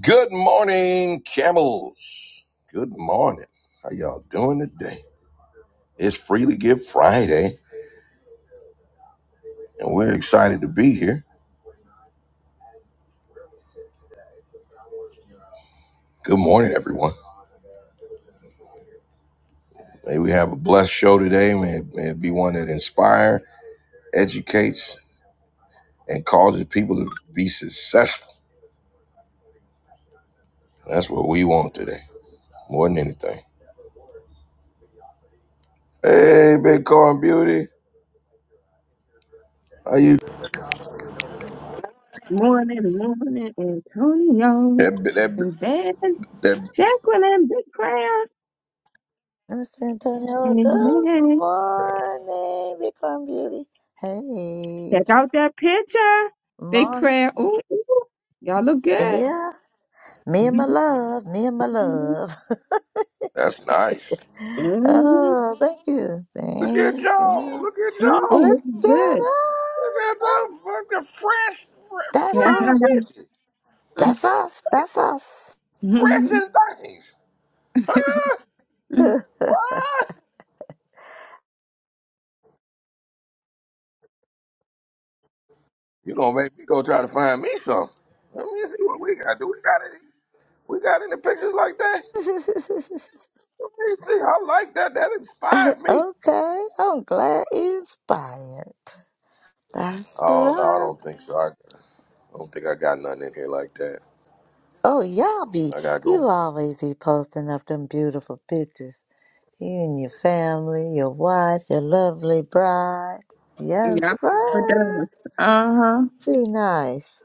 Good morning, camels. Good morning. How y'all doing today? It's Freely Give Friday, and we're excited to be here. Good morning, everyone. May we have a blessed show today. May it, may it be one that inspires, educates, and causes people to be successful. That's what we want today, more than anything. Hey, Bitcoin Beauty. How you? Morning, morning, Antonio. That, that, And then that, Jacqueline, big prayer. Mr. Antonio, good Amen. morning, Bitcoin Beauty. Check Hey, out that picture. Big morning. prayer. Ooh, ooh. y'all look good. Yeah, me and my love, me and my love. that's nice. Mhm. Oh, thank you, Look at thank y'all. you. Look at Mhm. y'all. Look Look at good. Look us. at the fucking fresh, fresh, That's yeah, fresh us. with it. That's us. That's us. Fresh and things. Huh? What? You gonna make me go try to find me some. Let me see what we got. Do we got any we got any pictures like that? Let me see. I like that. That inspired me. okay, I'm glad you inspired. That's Oh no, I right. don't think so. I, I don't think I got nothing in here like that. Oh, y'all be, I gotta you go always be posting up them beautiful pictures. You and your family, your wife, your lovely bride. Yes, it does. sir. Uh huh. Be nice.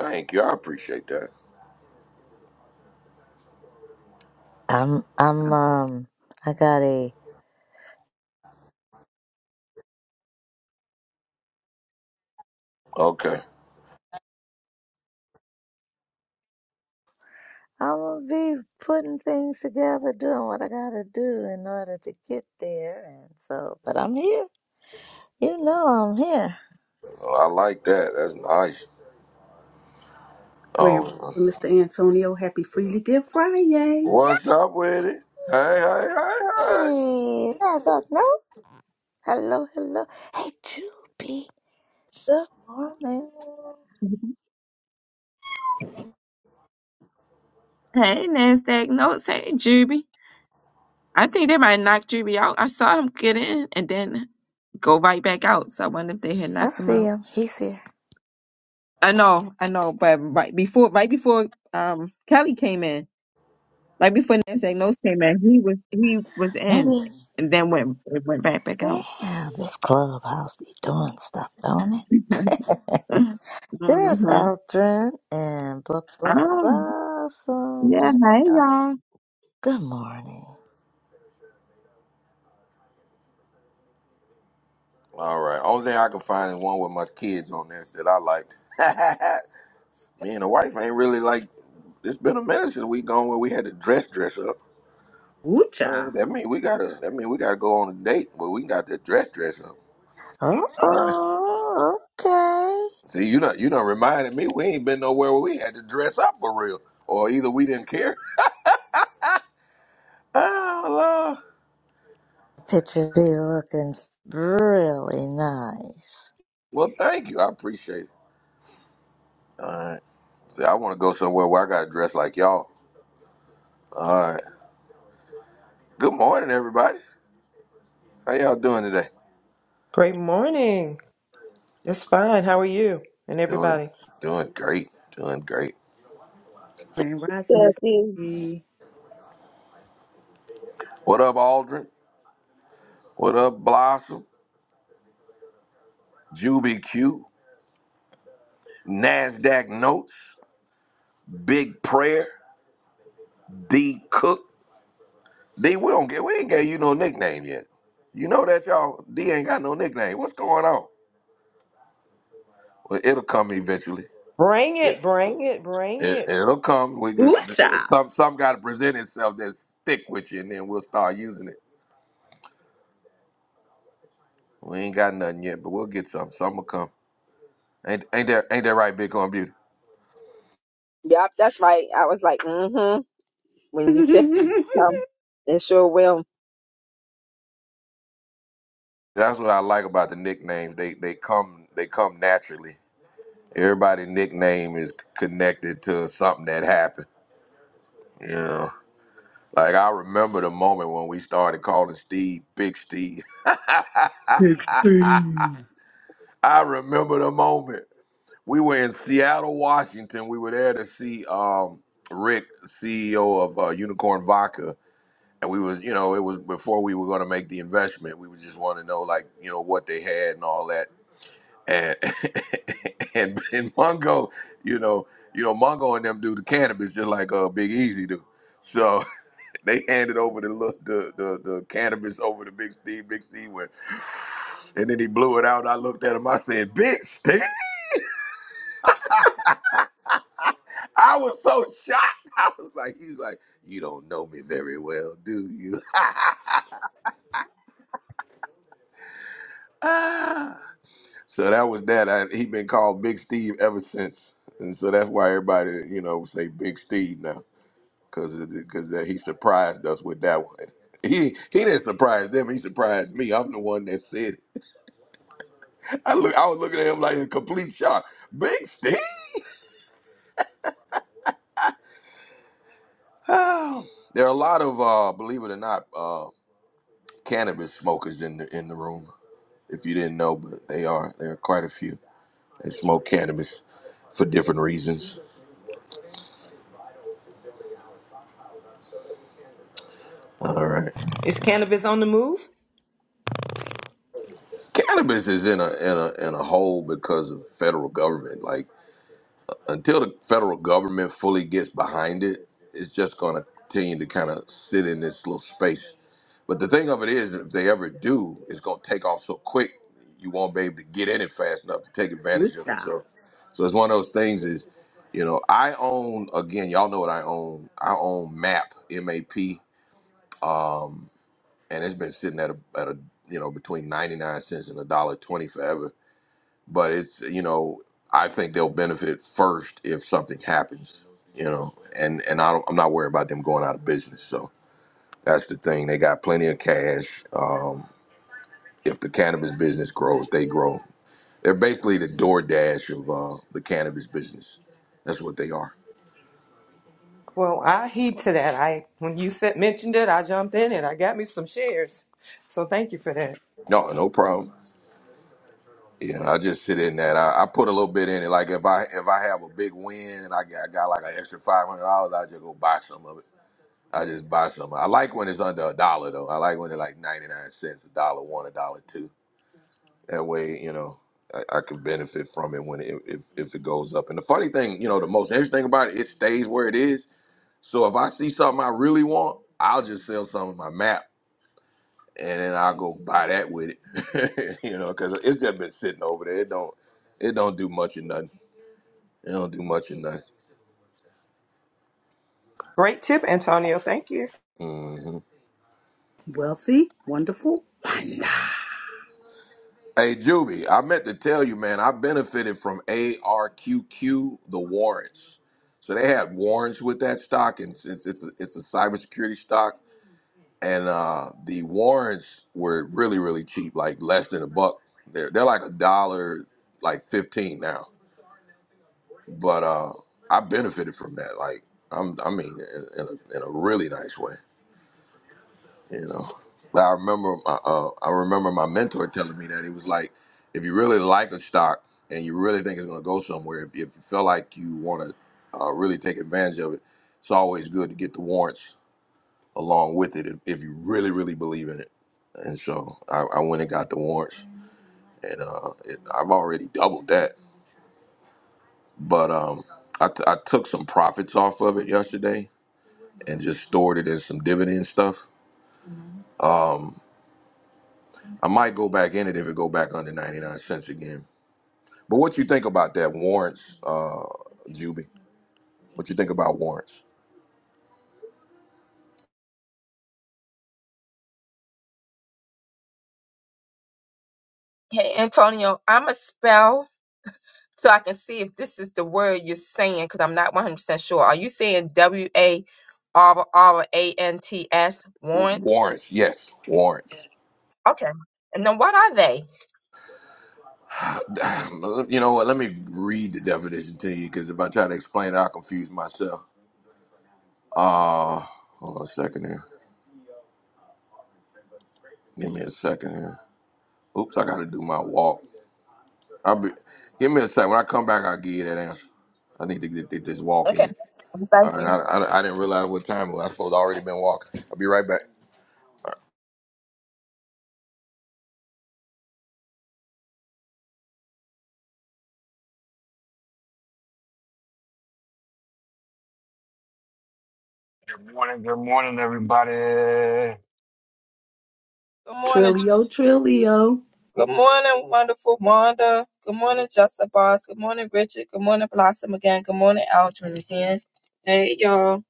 thank you. I appreciate that. I'm I'm um I got a Okay. I'm gonna be putting things together, doing what I gotta do in order to get there and so but I'm here. You know I'm here. Well, I like that. That's nice. Grand Oh Rising, Mr. Antonio. Happy Freely Give Friday. what's up with it? Hey, hey, hey, hey. Hey, that's that no? Hello, hello. Hey Juby, good morning. Hey, NASDAQ notes. Hey, Juby. I think they might knock Juby out. I saw him get in and then go right back out. So I wonder if they had I knocked him see out. him, he's here. I know, I know, but right before, right before um Kelly came in, right before Nancy Nose came in, he was he was in, Maybe. and then went it went back back out. Yeah, this clubhouse be doing stuff, don't it? hmm There's Eldrin and blah blah Oh, blossom. yeah. Hey, Uh, y'all. Good morning. All right. Only thing I can find is one with my kids on this that I liked. Me and the wife ain't really like. It's been a minute since we gone where we had to dress dress up. Ooh, All right. child. That mean we gotta. That mean we gotta go on a date where we got to dress dress up. Oh, All right. oh, okay. See, you know, you know, reminded me we ain't been nowhere where we had to dress up for real, or either we didn't care. Oh Lord. Pictures be looking really nice. Well, thank you. I appreciate it. All right. See, I want to go somewhere where I gotta dress like y'all. All right. Good morning, everybody. How y'all doing today? Great morning. It's fine. How are you and Doing, everybody? doing great, doing great. Grand Rising, Yeah, Miss see. E. What up, Aldrin? What up, Blossom? Juby Q, Nasdaq Notes, Big Prayer, D Cook. D, we don't get, we ain't gave you no nickname yet. You know that y'all D ain't got no nickname. What's going on? Well, it'll come eventually. Bring it, It, bring it, bring it, it. it'll come. We Ooh, child. some some got to present itself that stick with you, and then we'll start using it. We ain't got nothing yet, but we'll get some. Some will come. Ain't ain't that ain't that right, Bitcoin Beauty? Yep, that's right. I was like, mm-hmm. When you said come, it sure will. That's what I like about the nicknames. They they come they come naturally. Everybody nickname is connected to something that happened. Yeah. Like I remember the moment when we started calling Steve Big Steve. Big Steve. I remember the moment. We were in Seattle, Washington. We were there to see um Rick, CEO of uh, Unicorn Vodka, and we was, you know, it was before we were going to make the investment. We would just want to know like, you know, what they had and all that and and, and Mongo, you know, you know, Mongo and them do the cannabis just like uh Big Easy do. So they handed over the look the, the the cannabis over to Big Steve, Big Steve went, and then he blew it out. I looked at him, I said, Big Steve, I was so shocked. I was like, he's like, you don't know me very well, do you? Ah. so that was that. I, he been called Big Steve ever since. And so that's why everybody, you know, say Big Steve now. because because uh, he surprised us with that one. He he didn't surprise them. He surprised me. I'm the one that said it. I look. I was looking at him like in complete shock. Big Steve. Oh. There are a lot of uh, believe it or not, uh, cannabis smokers in the in the room. If you didn't know, but they are there are quite a few. They smoke cannabis for different reasons. All right, Is cannabis on the move? cannabis is in a in a in a hole because of federal government. Like until the federal government fully gets behind it, it's just going to continue to kind of sit in this little space. But the thing of it is, if they ever do, it's going to take off so quick, you won't be able to get in it fast enough to take Ooh, advantage of it. child. So, so it's one of those things is, you know, I own again, y'all know what I own. I own MAP, M A P, and it's been sitting at a, at a you know between ninety nine cents and a dollar twenty forever but it's you know I think they'll benefit first if something happens, you know, and and I don't, I'm not worried about them going out of business. So that's the thing; they got plenty of cash. Um, if the cannabis business grows, they grow. They're basically the DoorDash of uh, the cannabis business. That's what they are. Well, I heed to that. I when you said mentioned it, I jumped in and I got me some shares. So thank you for that. No, no problem. Yeah, I just sit in that. I, I put a little bit in it. Like if I if I have a big win and I got, I got like an extra five hundred dollars, I just go buy some of it. I just buy some. I like when it's under a dollar though. I like when it's like ninety nine cents, a dollar one, a dollar two. That way, you know, I, I could benefit from it when it, if if it goes up. And the funny thing, you know, the most interesting about it, it stays where it is. So if I see something I really want, I'll just sell some of my map, and then I'll go buy that with it. you know, because it's just been sitting over there. It don't it don't do much or nothing. It don't do much or nothing. Great tip, Antonio. Thank you. Mm-hmm. Wealthy, wonderful, wonder. Hey Juby, I meant to tell you, man, I benefited from ARQQ, the warrants. So they had warrants with that stock, and it's it's a, it's a cybersecurity stock, and uh, the warrants were really really cheap, like less than a buck. They're they're like a dollar, like fifteen now. But uh, I benefited from that, like I'm I mean, in, in, a, in a really nice way. You know, but I remember my uh, I remember my mentor telling me that he was like, if you really like a stock and you really think it's going to go somewhere, if, if you feel like you want to uh, really take advantage of it, it's always good to get the warrants along with it if, if you really really believe in it. And so I, I went and got the warrants, and uh, it, I've already doubled that. But um, I, t- I took some profits off of it yesterday and just stored it in some dividend stuff. I might go back in it if it go back under ninety nine cents again But what you think about that warrants, uh, Juby? What you think about warrants? Hey, Antonio, I'm a spell. so I can see if this is the word you're saying because I'm not 100% sure. Are you saying W A R R A N T S warrants? Warrants, yes, warrants. Okay. And then what are they? You know what? Let me read the definition to you because if I try to explain it, I'll confuse myself. Uh, hold on a second here. Give me a second here. Oops, I got to do my walk. I'll be. Give me a second. When I come back, I'll give you that answer. I need to get, get this walk Okay. in. All Thank right. you. I, I, I didn't realize what time it was. I suppose I already been walking. I'll be right back. Good morning, good morning, everybody. I Good morning. Ch- Trilio, Trilio. Good morning, wonderful Wanda. Good morning, Justin Boss. Good morning, Richard. Good morning, Blossom again. Good morning, Aldrin again. Hey, y'all.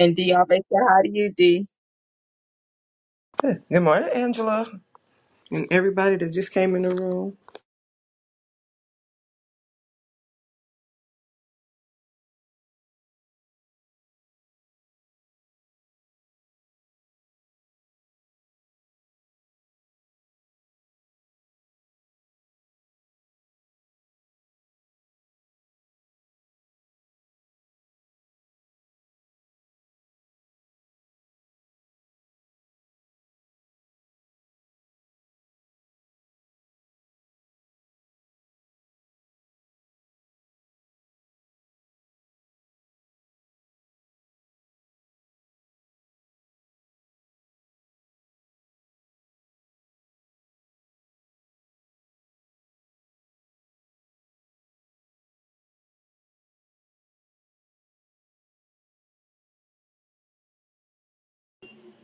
And D always say hi to you, D. Good morning, Angela, and everybody that just came in the room.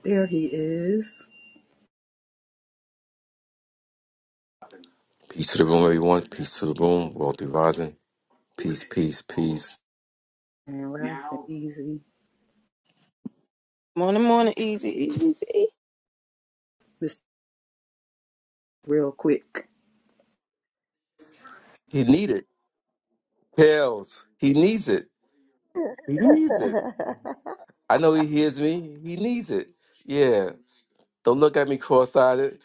There he is. Peace to the room, everyone. Peace to the room. Wealthy rising. Peace, peace, peace. Grand Rising, easy. Morning, morning, easy, easy, easy. Mr. Real Quick. He needs it. Tails. He needs it. He needs it. I know he hears me. He needs it. Yeah. Don't look at me cross-eyed.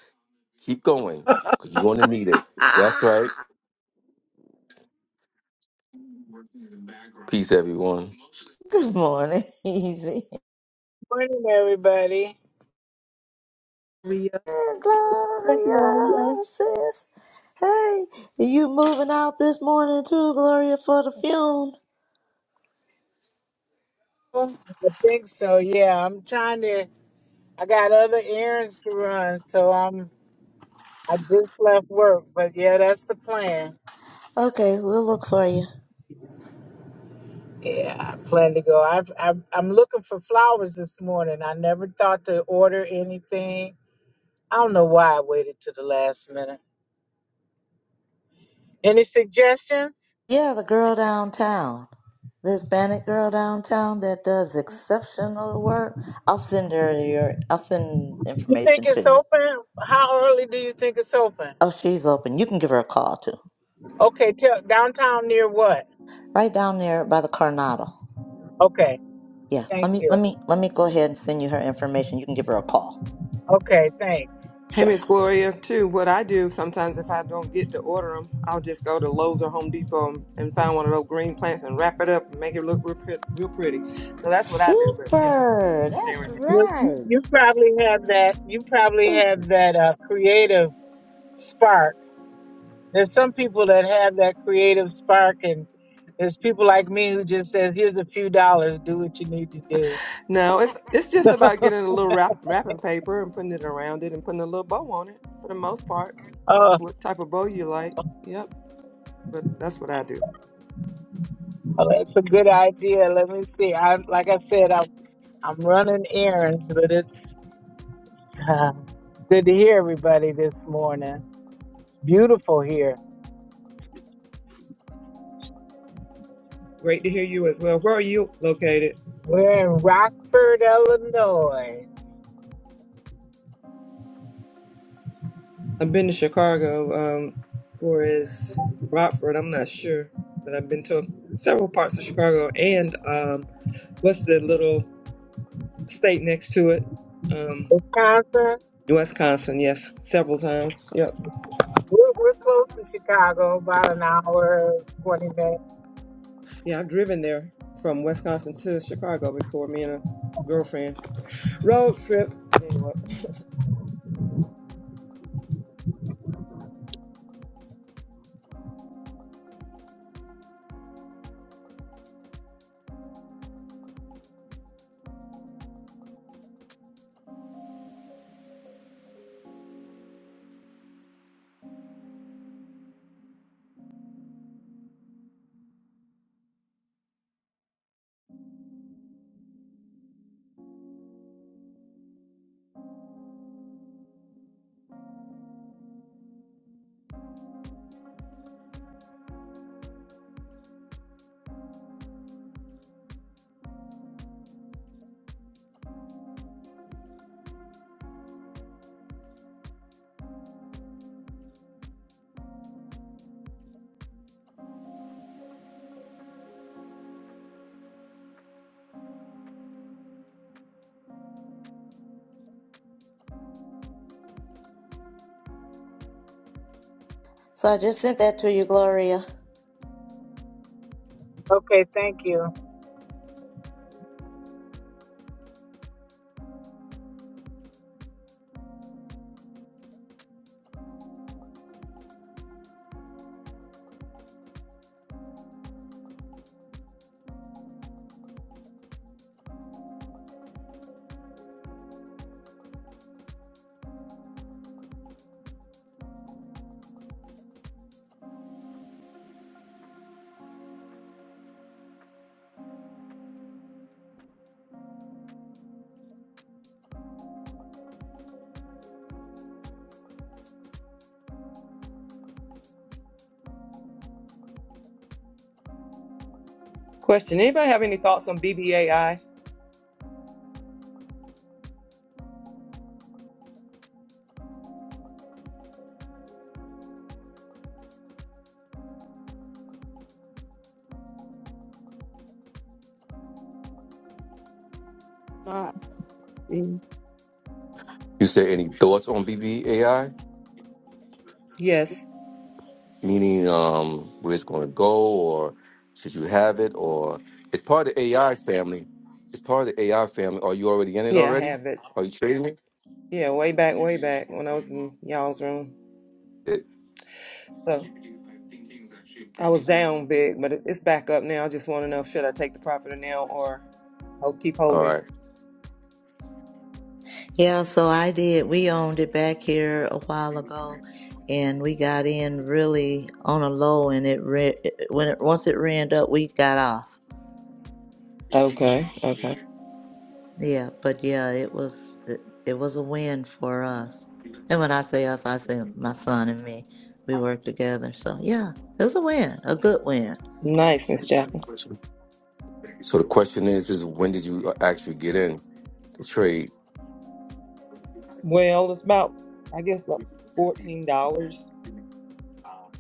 Keep going. Cause you're gonna need it. That's right. Ah, Peace, everyone. Good morning, Easy. Morning, everybody. Trilio. Hey, Thank you, Lord, yeah. Gloria, sis. Hey, you moving out this morning too, Gloria, for the funeral? I think so. Yeah, I'm trying to. I got other errands to run, so I'm. I just left work, but yeah, that's the plan. Okay, we'll look for you. Yeah, I plan to go. I've, I'm I'm looking for flowers this morning. I never thought to order anything. I don't know why I waited to the last minute. Any suggestions? Yeah, the girl downtown, the Hispanic girl downtown that does exceptional work. I'll send her your. I'll send You think information to it's you. open? How early do you think it's open? Oh, she's open. You can give her a call too. Okay, tell downtown near what? Right down there by the Coronado. Okay, Yeah, thank let me you. let me let me go ahead and send you her information. You can give her a call. Okay, thanks. Hey, Sure. Miss Gloria, too. What I do sometimes if I don't get to order them, I'll just go to Lowe's or Home Depot and, and find one of those green plants and wrap it up and make it look real, pret- real pretty. So that's what I do, but you know. Super. That's Sharon. Well, you, right. you probably have that. You probably have Super. that uh, creative spark. There's some people that have that creative spark, and there's people like me who just says, "Here's a few dollars. Do what you need to do." No, it's it's just about getting a little wrap, wrapping paper and putting it around it and putting a little bow on it for the most part. Oh, What type of bow you like. Yep, but that's what I do. oh, that's a good idea. Let me see. I like I said, I'm I'm running errands, but it's uh, good to hear everybody this morning. Beautiful here. Great to hear you as well. Where are you located? We're in Rockford, Illinois, I've been to Chicago, um, Flores, Rockford. I'm not sure, but I've been to several parts of Chicago and um, what's the little state next to it? Um, Wisconsin. Wisconsin. Yes, several times. Yep. We're, we're close to Chicago, about an hour, 20 minutes. Yeah, I've driven there from Wisconsin to Chicago before. Me and a girlfriend road trip. Anyway. So I just sent that to you, Gloria. Okay, thank you. Question: Anybody have any thoughts on BBAI? Nah, mm, You say any thoughts on BBAI? Yes. Meaning um where it's gonna go or should you have it or it's part of the AI family. It's part of the AI family. Are you already in it Yeah, I already? have it. Are you trading Yeah, way back, way back when I was in y'all's room. it? So. I was down big, but it- it's back up now. I just want to know should I take the property now or hope keep All holding. right. Yeah, so I did. We owned it back here a while ago, and we got in really on a low, and it re when it once it ran up, we got off. Okay, okay. Yeah, but yeah, it was it, it was a win for us. And when I say us, I say my son and me. We worked together, so yeah, it was a win, a good win. Nice, Miss Jacqueline. So the question is, is when did you uh, actually get in the trade? Well, it's about I guess about fourteen dollars.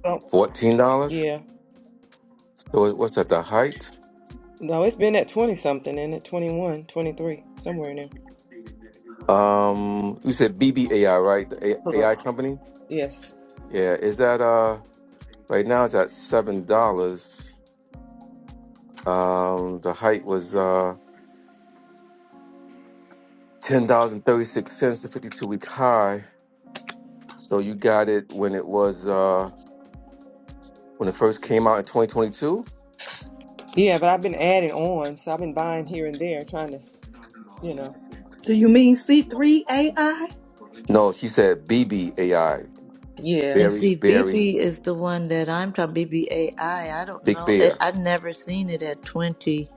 So Fourteen dollars. yeah, So it- what's at the height? no, it's been at twenty something and at 21, 23, somewhere in there. Um, you said BBAI, right? The A- Correct. AI company. Yes. Yeah, is that uh right now? It's at seven dollars. Um, the height was uh ten dollars and thirty six cents, the fifty two week high. So you got it when it was uh when it first came out in twenty twenty two. Yeah, but I've been adding on, so I've been buying here and there, trying to, you know. Do you mean C3AI? No, she said BBAI, Yeah. And Barry see, Barry BB is the one that I'm talking BBAI. I I don't Big know. I, Bear. I've never seen it at 20.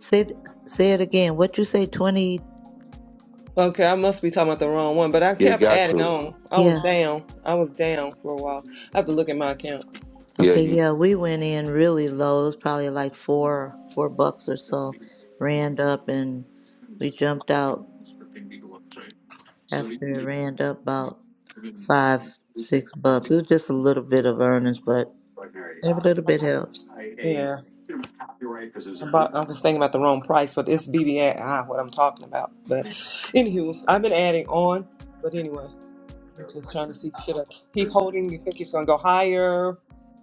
Say th- say it again. What you say? 20? Okay, I must be talking about the wrong one, but I Yeah, you kept got adding to. on. I was Yeah. down. I was down for a while. I have to look at my account. Yeah, Okay, you yeah, we went in really low. It was probably like four, four bucks or so. Ran up, and we jumped out after it ran up about five, six bucks. It was just a little bit of earnings, but every little bit helps. Yeah. About, I was thinking about the wrong price, but it's BBI what I'm talking about. But anywho, I've been adding on. But anyway, I'm just trying to see should I keep holding? You think it's gonna go higher,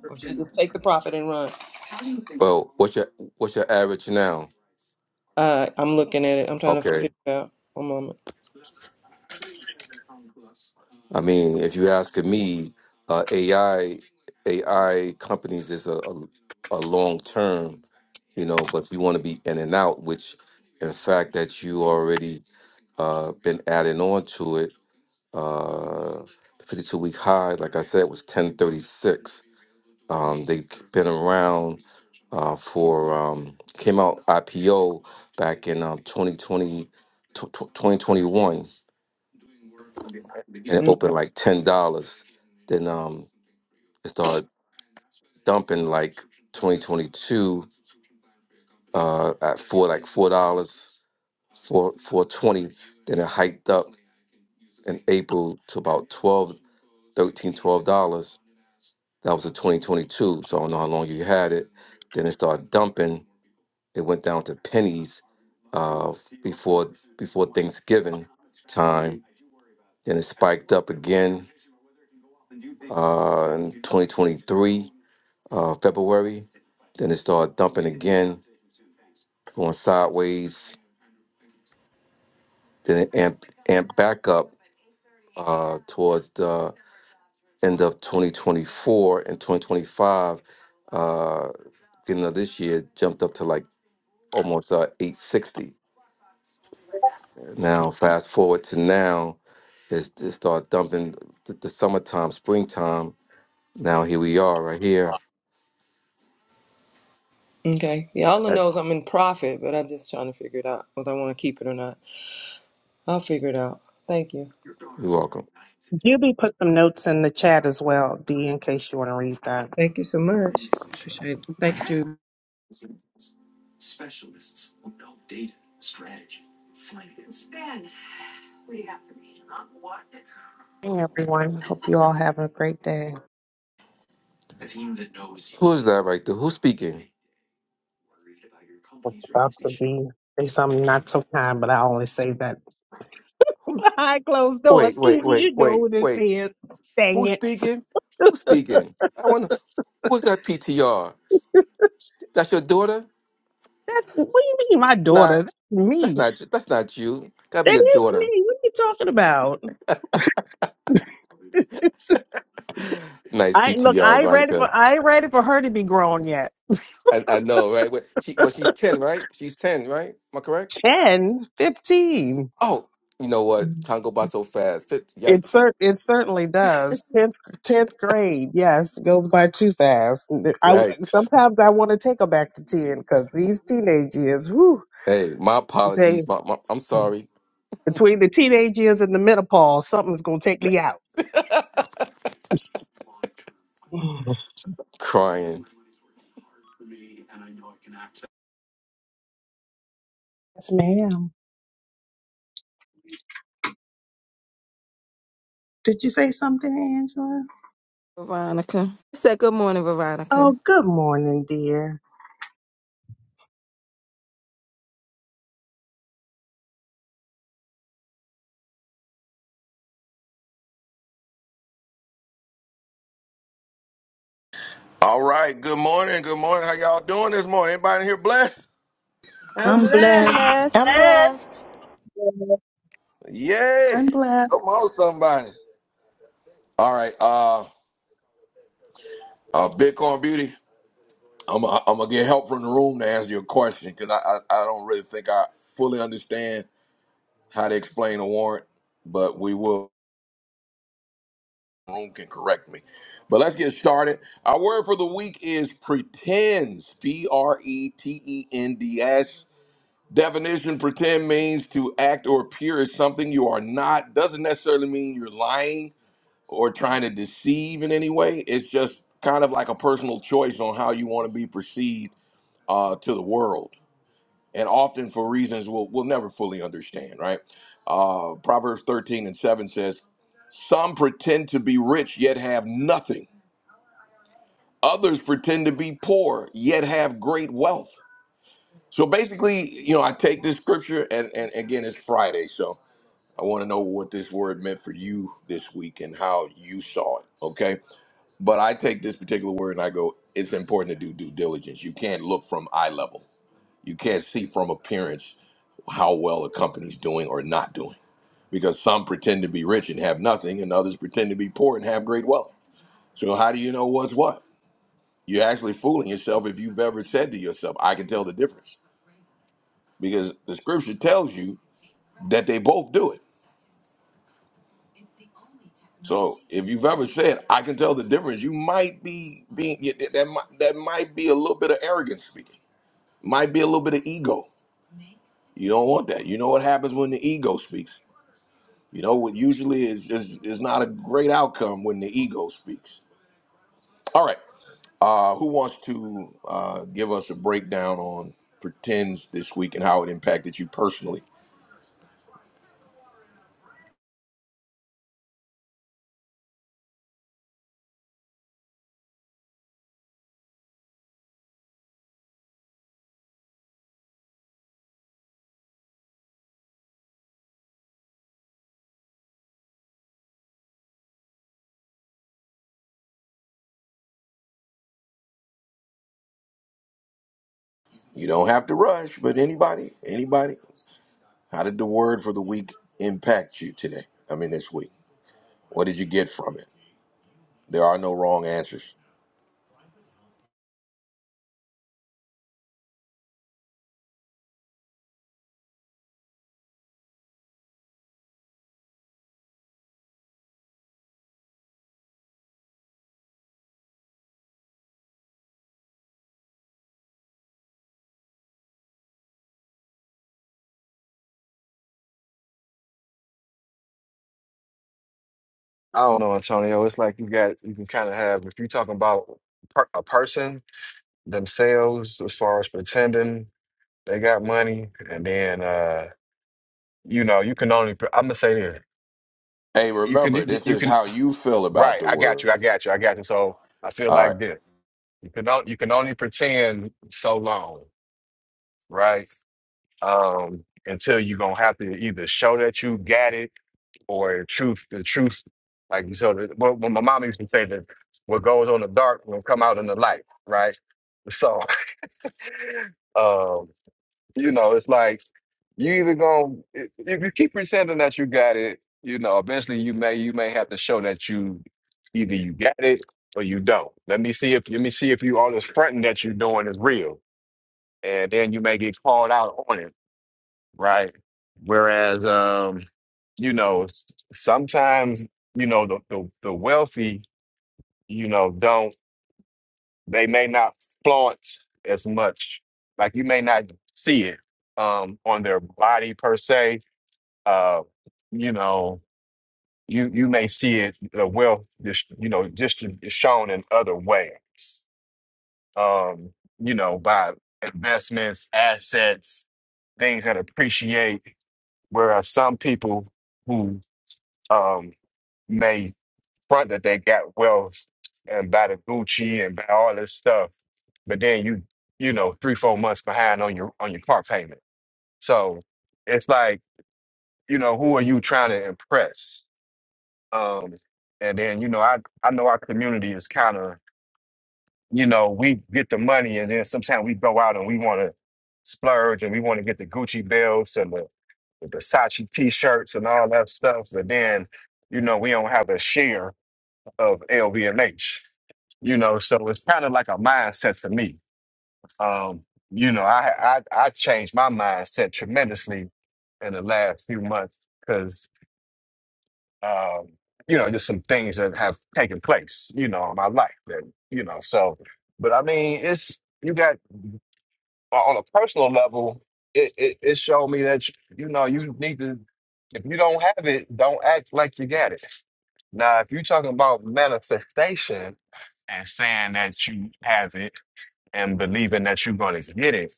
or should I just take the profit and run? Well, what's your what's your average now? Uh, I'm looking at it. I'm trying to figure Okay. it out. One moment. I mean, if you asking me, uh, AI AI companies is a, a, a long term, you know. But if you want to be in and out, which in fact that you already uh, been adding on to it, uh, the fifty two week high, like I said, was ten thirty six. Um, they've been around uh, for um, came out IPO back in um, 2020, tw- tw- 2021, and it Mm, opened like ten dollars. Then um, it started dumping like 2022 uh, at four like four dollars, four four twenty. Then it hiked up in April to about twelve thirteen twelve dollars That was a 2022, so I don't know how long you had it. Then it started dumping. It went down to pennies uh, before before Thanksgiving time. Then it spiked up again uh, in 2023 uh, February. Then it started dumping again, going sideways. Then it amped, amped back up uh, towards the end of 2024 and 2025, uh, beginning of this year, jumped up to like almost uh, 860. Now, fast forward to now, it's, it start dumping the, the summertime, springtime. Now here we are, right here. Okay, y'all knows That's- I'm in profit, but I'm just trying to figure it out whether I want to keep it or not. I'll figure it out. Thank you. You're welcome. Juby put some notes in the chat as well, D, in case you want to read that. Thank you so much. Appreciate it. Thanks, Jude. Hey, everyone. Hope you all have a great day. Who is that right there? Who's speaking? It's about to be say something not so kind, but I only say that Who- behind closed Wait, doors. Evie, wait, wait, you know wait, what this wait. is. Dang Who's it. speaking? Who's speaking? I wonder who's that PTR? That's your daughter? That's what do you mean, my Nah, daughter? That's That's me. not that's not you. Gotta be That your is daughter. me. What are you talking about? nice I look. PTR, I ain't ready Veronica. for. I ain't ready for her to be grown yet. I, I know, right? Well, she well, she's ten, right? She's ten, right? Am I correct? 10, 15. Oh, you know what? Time go by so fast. Fit- It Yikes! cer- it certainly does. Tenth tenth grade, yes, goes by too fast. I Yikes! sometimes I want to take her back to ten because these teenage years, whew, Hey, my they apologies. My, my, I'm sorry. between the teenage years and the menopause, something's gonna take me out. Crying. Yes, ma'am. Did you say something, Angela? Veronica. I said good morning, Veronica. Oh, good morning, dear. All right. Good morning. Good morning. How y'all doing this morning? Anybody in here blessed? I'm I'm blessed. blessed. Bless. I'm Amen. blessed. Yeah. I'm blessed. Come on, somebody. All right. Uh, uh Bitcoin Beauty. I'm i I'm gonna get help from the room to answer your question because I, I I don't really think I fully understand how to explain a warrant, but we will. the Room can correct me. But let's get started. Our word for the week is pretends. P R E T E N D S. Definition pretend means to act or appear as something you are not. Doesn't necessarily mean you're lying or trying to deceive in any way. It's just kind of like a personal choice on how you want to be perceived uh, to the world, and often for reasons we'll, we'll never fully understand, right? Uh, Proverbs 13 and 7 says, Some pretend to be rich yet have nothing, others pretend to be poor yet have great wealth. So basically, you know, I take this scripture, and, and again, it's Friday, so I want to know what this word meant for you this week and how you saw it, okay? But I take this particular word and I go, it's important to do due diligence. You can't look from eye level. You can't see from appearance how well a company's doing or not doing. Because some pretend to be rich and have nothing, and others pretend to be poor and have great wealth. So how do you know what's what? You're actually fooling yourself if you've ever said to yourself, I can tell the difference. Because the scripture tells you that they both do it. So if you've ever said, "I can tell the difference," you might be being that might, that might be a little bit of arrogance speaking. Might be a little bit of ego. You don't want that. You know what happens when the ego speaks. You know what usually is is, is not a great outcome when the ego speaks. All right. Uh, who wants to uh, give us a breakdown on pretends this week and how it impacted you personally? You don't have to rush, but anybody, anybody, how did the word for the week impact you today? I mean, this week. What did you get from it? There are no wrong answers. don't know, Antonio. It's like you got you can kind of have if you're talking about per, a person themselves as far as pretending they got money, and then uh, you know you can only. I'm gonna say this: Hey, you can you, remember, this you is can how you feel about right. the I got word. you. I got you. I got you. So I feel All right. like this: you can on- you can only pretend so long, right? Um, until you're gonna have to either show that you got it or the truth, the truth, like so. The, well, well, my mom used to say that what goes on the dark will come out in the light, right? So, um, you know, it's like you either gonna if if you keep pretending that you got it, you know, eventually you may you may have to show that you either you got it or you don't. Let me see if let me see if you all this fronting that you're doing is real, and then you may get called out on it right? Whereas, um, you know, sometimes, you know, the, the, the wealthy, you know, don't, they may not flaunt as much. Like you may not see it um, on their body per se. Uh, you know, you, you may see it, the wealth, just, you know, just shown in other ways, um, you know, by investments, assets, things that appreciate. Whereas some people, who um made front that they got wealth and buy the Gucci and buy all this stuff, but then you you know three four months behind on your on your car payment. So it's like you know who are you trying to impress? Um, and then you know I I know our community is kind of you know we get the money and then sometimes we go out and we want to splurge and we want to get the Gucci belts and the, the Versace t-shirts and all that stuff, but then you know we don't have a share of LVMH. You know, so it's kind of like a mindset for me. Um, you know, I, I I changed my mindset tremendously in the last few months because um, you know, just some things that have taken place, you know, in my life. That, you know, so but I mean it's you got on a personal level, it, it, it showed me that you know, you need to if you don't have it, don't act like you got it Now, if you're talking about manifestation and saying that you have it and believing that you're going to get it,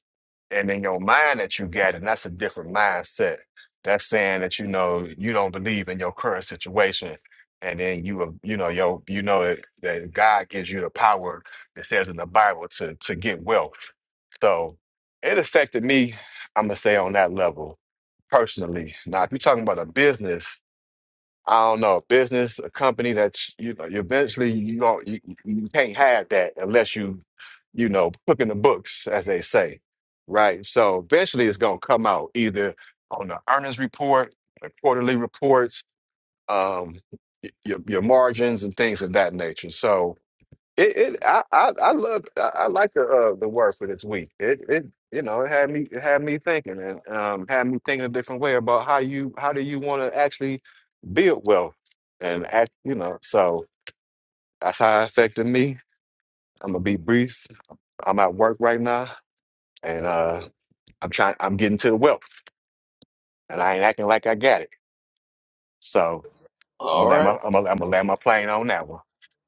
and in your mind that you get it, that's a different mindset. That's saying that you know you don't believe in your current situation, and then you will- you know your you know that, that God gives you the power. It says in the Bible to to get wealth. So it affected me. I'm gonna say on that level personally. Now, if you're talking about a business I don't know, a business, a company that you you know, you eventually you don't you, you can't have that unless you, you know, cook in the books, as they say, right? So eventually it's gonna come out either on the earnings report, the quarterly reports, um, y- your your margins and things of that nature. So it, it I, I I love I, I like the uh, the word for this week. It it you know it had me it had me thinking and um had me thinking a different way about how you how do you want to actually build wealth and act you know so that's how it affected me. I'm gonna be brief. I'm at work right now and uh I'm trying I'm getting to the wealth and I ain't acting like I got it. So I'm gonna All land my right. I'm gonna, I'm gonna land my plane on that one.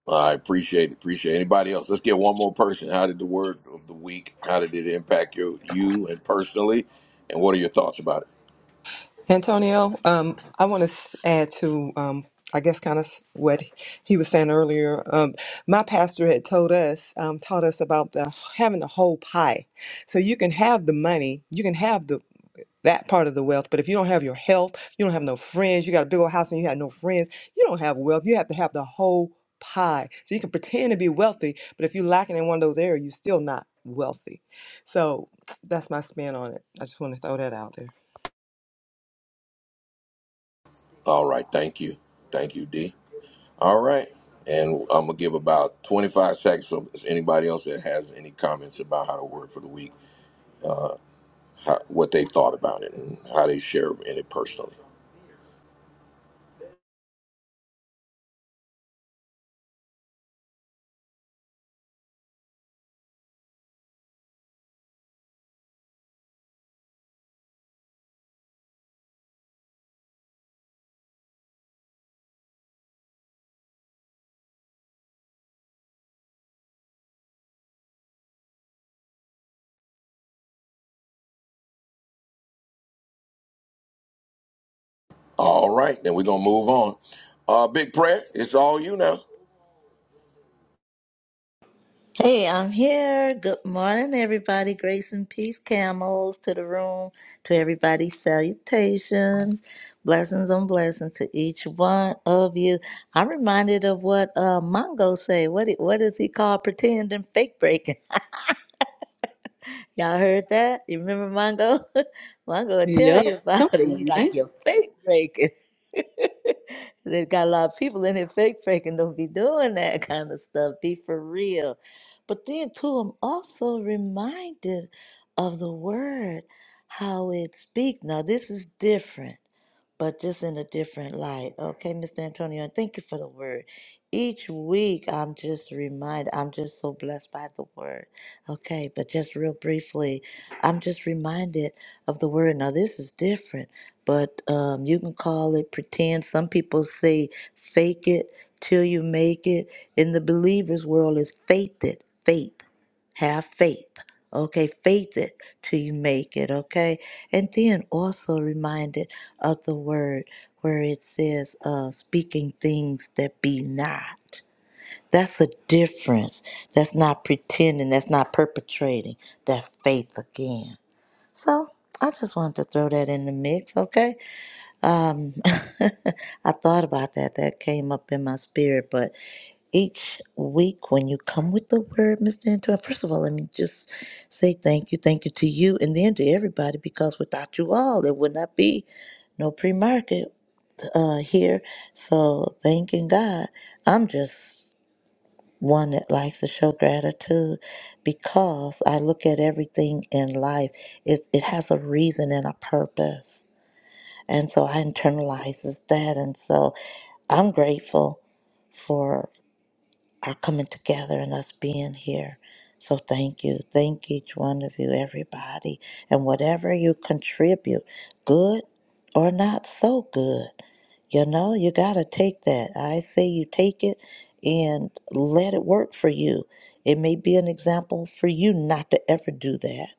I appreciate it. Appreciate it. anybody else. Let's get one more person. How did the word of the week? How did it impact your you and personally? And what are your thoughts about it? Antonio, um, I want to add to, um, I guess, kind of what he was saying earlier. Um, my pastor had told us, um, taught us about the having the whole pie. So you can have the money, you can have the that part of the wealth, but if you don't have your health, you don't have no friends. You got a big old house and you have no friends. You don't have wealth. You have to have the whole pie. So you can pretend to be wealthy, but if you're lacking in one of those areas, you're still not wealthy. So that's my spin on it. I just want to throw that out there. All right. Thank you. Thank you, D. All right. And I'm gonna give about 25 seconds for anybody else that has any comments about how the word for the week, how, what they thought about it, and how they share in it personally. All right. Then we're gonna move on. Uh, big prayer. It's all you now. Hey, I'm here. Good morning, everybody. Grace and peace, camels to the room, to everybody, salutations, blessings on blessings to each one of you. I'm reminded of what uh, Mongo say. What it- what is he called? Pretending, fake breaking. Y'all heard that? You remember Mongo? Mongo will tell Yup. you Come about it. He's on, like, man. you're fake breaking. they got a lot of people in here fake breaking. Don't be doing that kind of stuff. Be for real. But then, too, I'm also reminded of the word, how it speaks. Now, this is different but just in a different light. Okay, Mr. Antonio, and thank you for the word. Each week, I'm just reminded, I'm just so blessed by the word Okay, but just real briefly, I'm just reminded of the word. Now, this is different, but um, you can call it pretend. Some people say fake it till you make it. In the believer's world, is faith it, faith. Have faith. Okay, faith it till you make it. Okay, and then also reminded of the word where it says, uh, speaking things that be not. That's a difference. That's not pretending. That's not perpetrating. That's faith again. So I just wanted to throw that in the mix, okay? Um, I thought about that. That came up in my spirit. But each week when you come with the word, Mr. Antoine, first of all, let me just say thank you. Thank you to you and then to everybody because without you all, there would not be no pre market uh, here. So thanking God. I'm just one that likes to show gratitude because I look at everything in life. It, it has a reason and a purpose. And so I internalizes that. And so I'm grateful for our coming together and us being here. So thank you. Thank each one of you, everybody. And whatever you contribute, good or not so good. You know, you got to take that. I say you take it and let it work for you. It may be an example for you not to ever do that,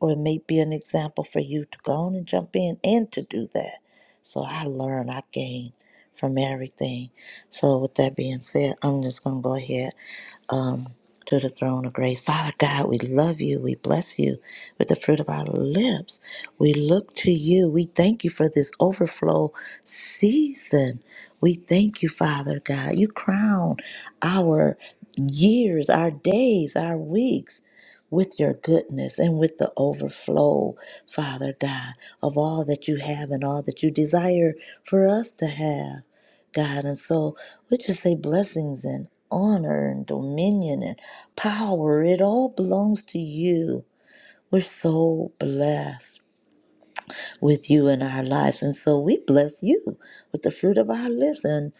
or it may be an example for you to go on and jump in and to do that. So I learn, I gain from everything. So, with that being said, I'm just going to go ahead um, to the throne of grace. Father God, we love you. We bless you with the fruit of our lips. We look to you. We thank you for this overflow season. We thank you, Father God. You crown our years, our days, our weeks. With your goodness and with the overflow, Father God, of all that you have and all that you desire for us to have, God. And so we just say blessings and honor and dominion and power. It all belongs to you. We're so blessed with you in our lives. And so we bless you with the fruit of our lips. and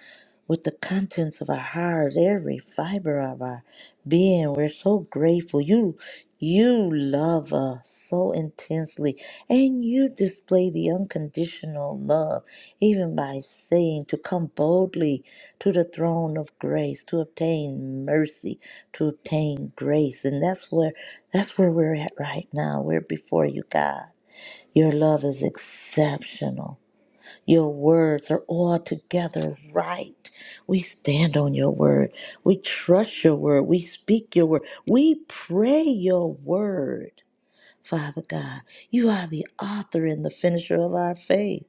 with the contents of our hearts, every fiber of our being. We're so grateful. You you love us so intensely and you display the unconditional love even by saying to come boldly to the throne of grace to obtain mercy to obtain grace and that's where that's where we're at right now we're before you god your love is exceptional your words are altogether right. We stand on your word. We trust your word. We speak your word. We pray your word. Father God, you are the author and the finisher of our faith.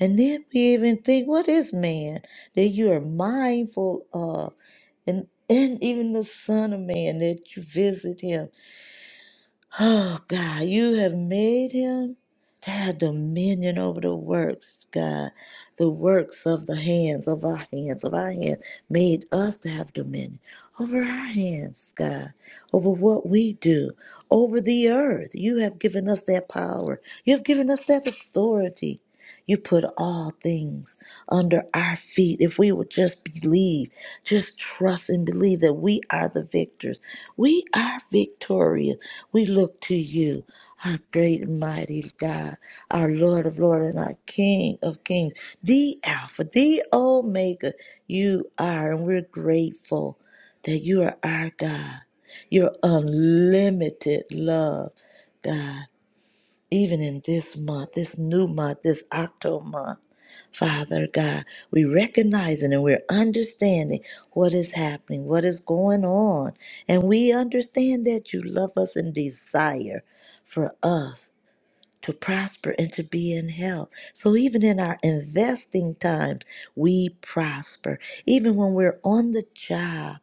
And then we even think, what is man that you are mindful of? And, and even the Son of Man that you visit him. Oh, God, you have made him to have dominion over the works, God, the works of the hands, of our hands, of our hands, made us to have dominion over our hands, God, over what we do, over the earth. You have given us that power, you have given us that authority. You put all things under our feet. If we would just believe, just trust and believe that we are the victors. We are victorious. We look to you, our great and mighty God, our Lord of Lords and our King of Kings, the Alpha, the Omega. You are, and we're grateful that you are our God. Your unlimited love, God even in this month, this new month, this October month. Father God, we recognizing and we're understanding what is happening, what is going on. And we understand that you love us and desire for us to prosper and to be in health. So even in our investing times, we prosper. Even when we're on the job,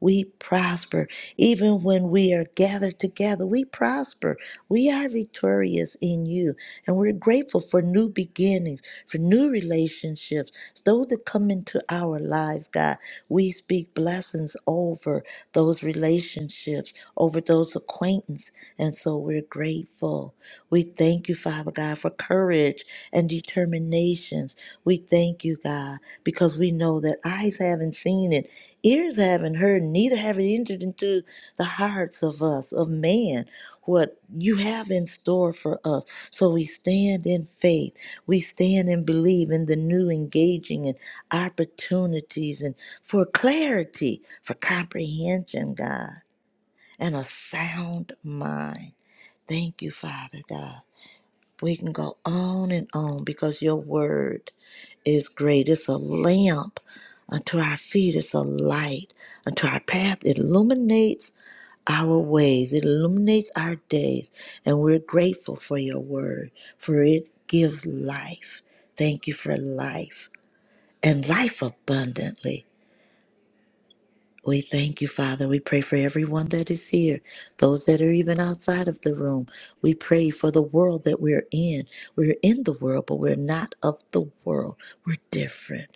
we prosper. Even when we are gathered together, we prosper. We are victorious in you. And we're grateful for new beginnings, for new relationships. Those that come into our lives, God, we speak blessings over those relationships, over those acquaintances. And so we're grateful. We thank you, Father God, for courage and determinations. We thank you, God, because we know that eyes haven't seen it, ears haven't heard, neither have it entered into the hearts of us, of man, what you have in store for us. So we stand in faith. We stand and believe in the new engaging and opportunities and for clarity, for comprehension, God, and a sound mind. Thank you, Father God. We can go on and on because your word is great. It's a lamp unto our feet, it's a light unto our path. It illuminates our ways, it illuminates our days. And we're grateful for your word, for it gives life. Thank you for life and life abundantly. We thank you, Father. We pray for everyone that is here, those that are even outside of the room. We pray for the world that we're in. We're in the world, but we're not of the world. We're different.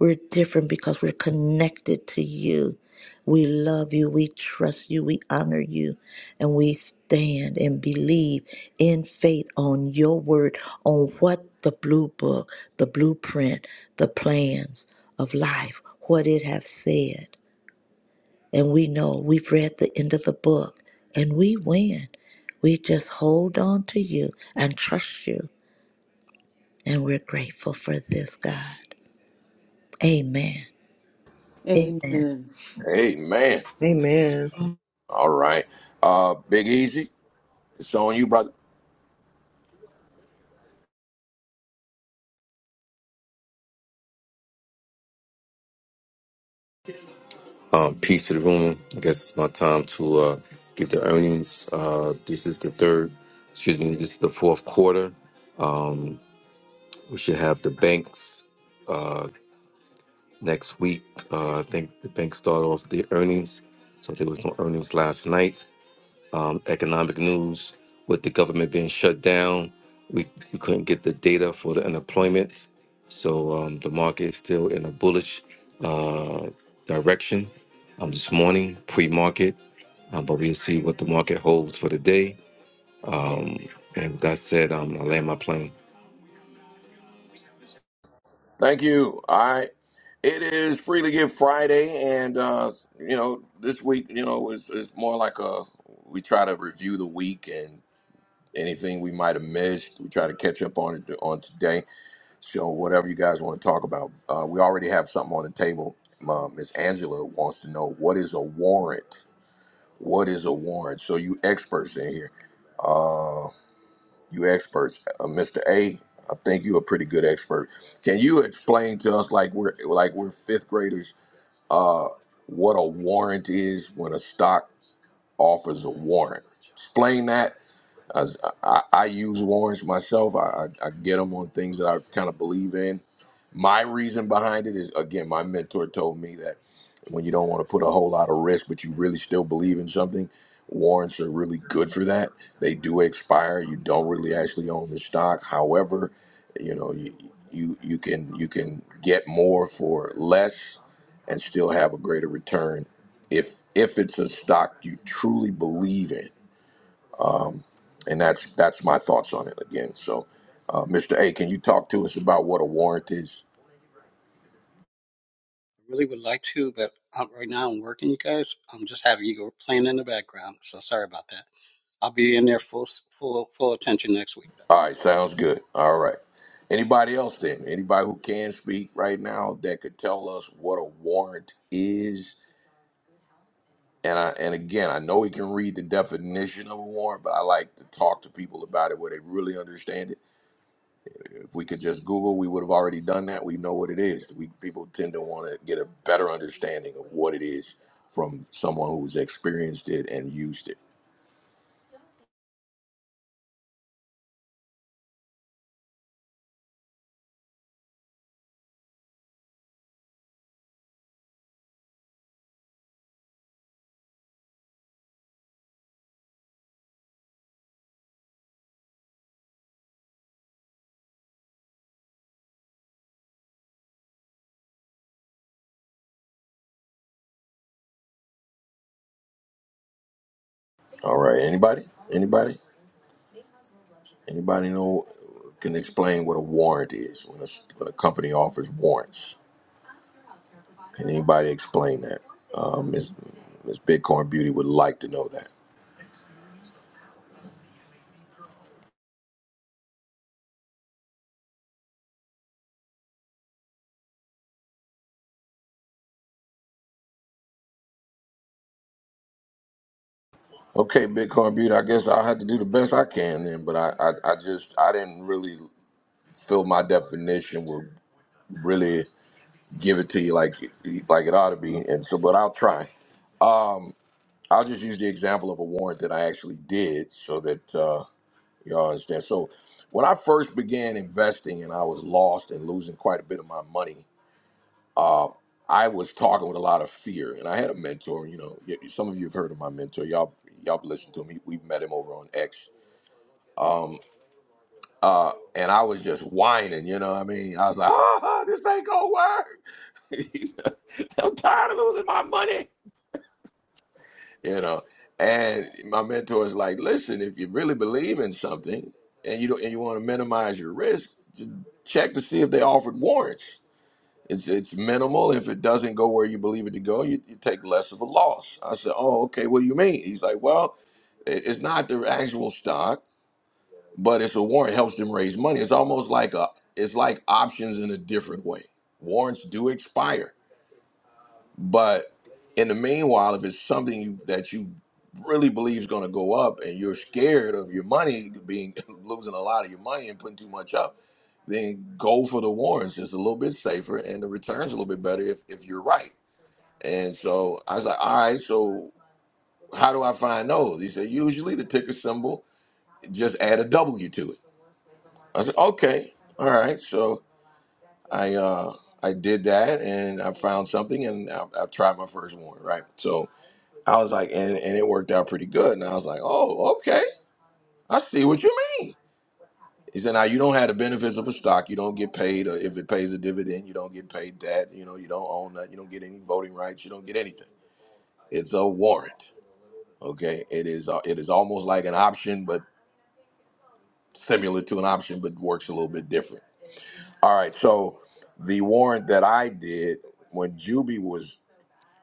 We're different because we're connected to you. We love you. We trust you. We honor you. And we stand and believe in faith on your word, on what the blue book, the blueprint, the plans of life, what it has said. And we know we've read the end of the book and we win. We just hold on to you and trust you. And we're grateful for this, God. Amen. Amen. Amen. Hey, man. Amen. All right. Uh, Big Easy. It's on you, brother. Um, peace to the room. I guess it's my time to uh, give the earnings. Uh, this is the third, excuse me, this is the fourth quarter. Um, we should have the banks. uh, next week. Uh, I think the bank start off the earnings, so there was no earnings last night. Um, economic news with the government being shut down, we, we couldn't get the data for the unemployment, so um, the market is still in a bullish uh, direction. Um, this morning, pre-market, um, but we'll see what the market holds for the day. And with that said, um, I land my plane. Thank you. I it is freely give Friday, and uh, you know this week, you know, it's, it's more like a we try to review the week and anything we might have missed. We try to catch up on it on today. So whatever you guys want to talk about, uh, we already have something on the table. Uh, Miss Angela wants to know what is a warrant. What is a warrant? So you experts in here. Uh, you experts. Uh, Mr. A, I think you're a pretty good expert. Can you explain to us, like we're like we're fifth graders, uh, what a warrant is when a stock offers a warrant? Explain that as I, I use warrants myself. I, I, I get them on things that I kind of believe in. My reason behind it is again, my mentor told me that when you don't want to put a whole lot of risk, but you really still believe in something, warrants are really good for that. They do expire. You don't really actually own the stock. However, you know you you, you can you can get more for less and still have a greater return if if it's a stock you truly believe in and that's that's my thoughts on it again. So, uh, Mr. A, can you talk to us about what a warrant is? I really would like to, but um, right now I'm working, you guys. I'm just having you go playing in the background, so sorry about that. I'll be in there full full full attention next week. All right, sounds good. All right. Anybody else then? Anybody who can speak right now that could tell us what a warrant is? And I and again, I know we can read the definition of a warrant, but I like to talk to people about it where they really understand it. If we could just Google, we would have already done that. We know what it is. We people tend to want to get a better understanding of what it is from someone who's experienced it and used it. All right. Anybody? Anybody? Anybody know can explain what a warrant is when a, when a company offers warrants? Can anybody explain that? Um, Miss Miss Bitcoin Beauty would like to know that. Okay, Bitcoin Beauty. I guess I'll have to do the best I can then. But I, I, I just I didn't really feel my definition would really give it to you like it- like it ought to be. And so, but I'll try. Um, I'll just use the example of a warrant that I actually did, so that. Uh, You all understand? So when I first began investing and I was lost and losing quite a bit of my money, uh, I was talking with a lot of fear. And I had a mentor, you know, y- some of you have heard of my mentor. Y'all y'all have listened to him. We've met him over on X. Um, uh, and I was just whining, you know what I mean? I was like, ah, this ain't gonna work. I'm tired of losing my money. you know. And my mentor is like, listen, if you really believe in something and you don't, and you want to minimize your risk, just check to see if they offered warrants. It's it's minimal. If it doesn't go where you believe it to go, you, you take less of a loss. I said, oh, okay. What do you mean? He's like, well, it- it's not the actual stock, but it's a warrant. It Helps them raise money. It's almost like a it's like options in a different way. Warrants do expire but in the meanwhile, if it's something you, that you really believe is going to go up, and you're scared of your money being losing a lot of your money and putting too much up, then go for the warrants. It's a little bit safer, and the returns a little bit better if if you're right. And so I was like, all right, so how do I find those? He said, usually the ticker symbol, just add a W to it. I said, okay, all right. So I uh I did that, and I found something, and I, I tried my first warrant, right? So I was like, and, and it worked out pretty good. And I was like, oh, okay. I see what you mean. He said, now you don't have the benefits of a stock. You don't get paid, or if it pays a dividend, you don't get paid that. You know, you don't own that. You don't get any voting rights. You don't get anything. It's a warrant. Okay. It is, uh, it is almost like an option, but similar to an option, but works a little bit different. All right. So the warrant that I did when Juby was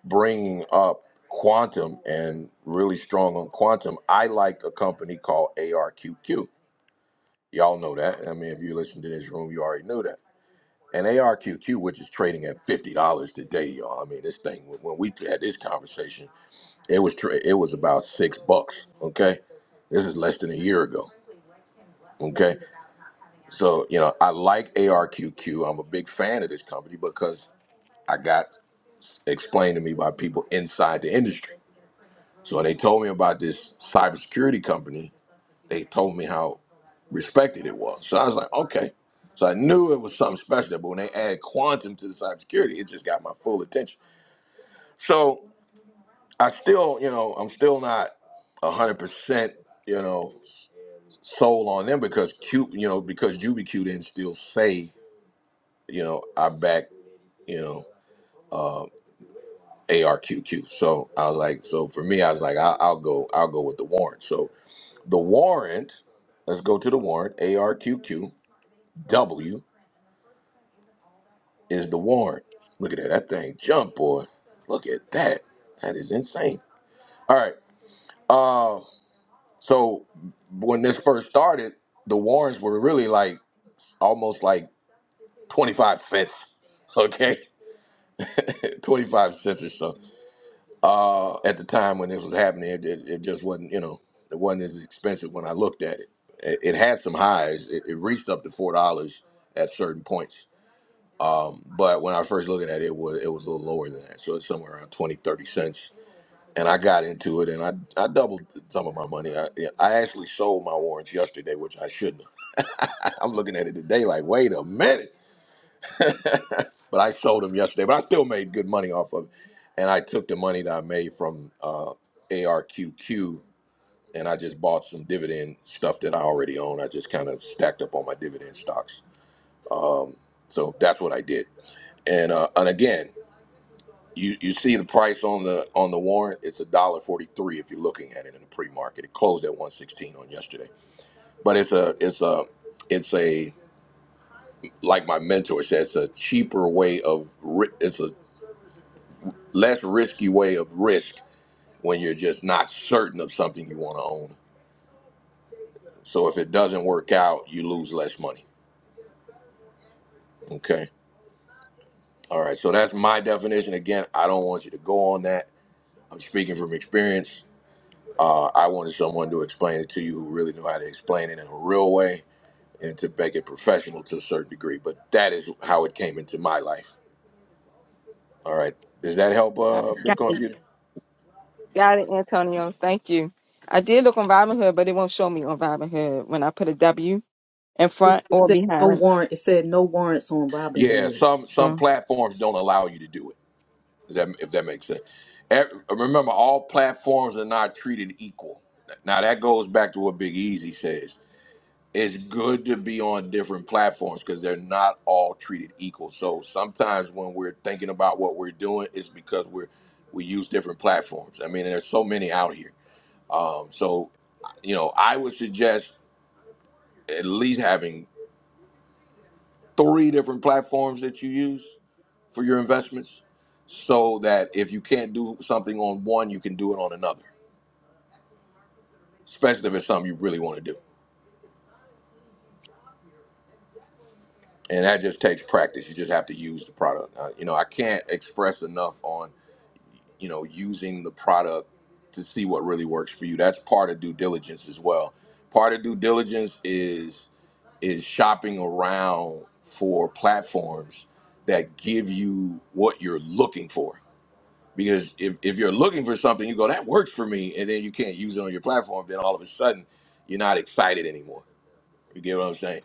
bringing up quantum and really strong on quantum, I liked a company called ARQQ. Y'all know that. I mean, if you listen to this room, you already knew that. And ARQQ, which is trading at fifty dollars today, y'all. I mean, this thing when we had this conversation, it was tra- it was about six bucks. Okay, this is less than a year ago. Okay, so you know I like ARQQ. I'm a big fan of this company because I got explained to me by people inside the industry. So they told me about this cybersecurity company. They told me how respected it was. So I was like, okay. So I knew it was something special. But when they add quantum to the cybersecurity, it just got my full attention. So I still, you know, I'm still not hundred percent, you know, sold on them because Q, you know, because JubiQ didn't still say, you know, I back, you know, uh, ARQQ. So I was like, so for me, I was like, I, I'll go, I'll go with the warrant. So. The warrant, let's go to the warrant. ARQQW is the warrant. Look at that. That thing jump, boy. Look at that. That is insane. All right. Uh, so when this first started, the warrants were really like almost like 25 cents. Okay. 25 cents or so. Uh, at the time when this was happening, it, it, it just wasn't, you know, it wasn't as expensive when I looked at it. It, it had some highs. It, it reached up to $4 at certain points Um, but when I was first looking at it, it was it was a little lower than that, so it's somewhere around 20, 30 cents. And I got into it, and I I doubled some of my money. I yeah, I actually sold my warrants yesterday, which I shouldn't. have. I'm looking at it today, like wait a minute, but I sold them yesterday. But I still made good money off of it, and I took the money that I made from uh, ARQQ, and I just bought some dividend stuff that I already own. I just kind of stacked up on my dividend stocks. Um, so that's what I did. And uh, and again. You you see the price on the on the warrant? It's a dollar forty three if you're looking at it in the pre market. It closed at one sixteen on yesterday, but it's a it's a it's a like my mentor said, it's a cheaper way of ri- it's a less risky way of risk when you're just not certain of something you want to own. So if it doesn't work out, you lose less money. Okay. All right. So that's my definition. Again, I don't want you to go on that. I'm speaking from experience Uh, I wanted someone to explain it to you who really knew how to explain it in a real way and to make it professional to a certain degree. But that is how it came into my life. All right. Does that help, uh, Got Bitcoin it, Beauty? got it, Antonio. Thank you. I did look on Robinhood, but it won't show me on Robinhood when I put a W in It, front it or said no behind. warrant. It said no warrants on Robin Yeah. Hood. Some some Um, platforms don't allow you to do it. Does that if that makes sense? Every, remember, all platforms are not treated equal. Now that goes back to what Big Easy says. it's good to be on different platforms because they're not all treated equal. So sometimes when we're thinking about what we're doing, it's because we're we use different platforms. I mean, and there's so many out here. Um, so you know, I would suggest at least having three different platforms that you use for your investments, so that if you can't do something on one, you can do it on another. Especially if it's something you really want to do, and that just takes practice. You just have to use the product. Uh, you know, I can't express enough on you know using the product to see what really works for you that's part of due diligence as well part of due diligence is is shopping around for platforms that give you what you're looking for because if, if you're looking for something you go that works for me and then you can't use it on your platform then all of a sudden you're not excited anymore you get what i'm saying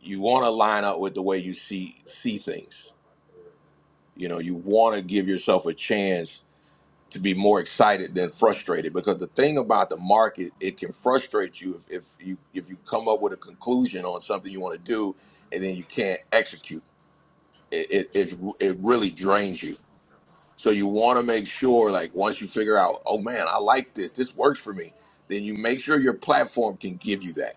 you want to line up with the way you see see things you know you want to give yourself a chance to be more excited than frustrated because the thing about the market it can frustrate you if, if you if you come up with a conclusion on something you want to do and then you can't execute it it, it, it really drains you so you want to make sure like once you figure out oh man i like this this works for me then you make sure your platform can give you that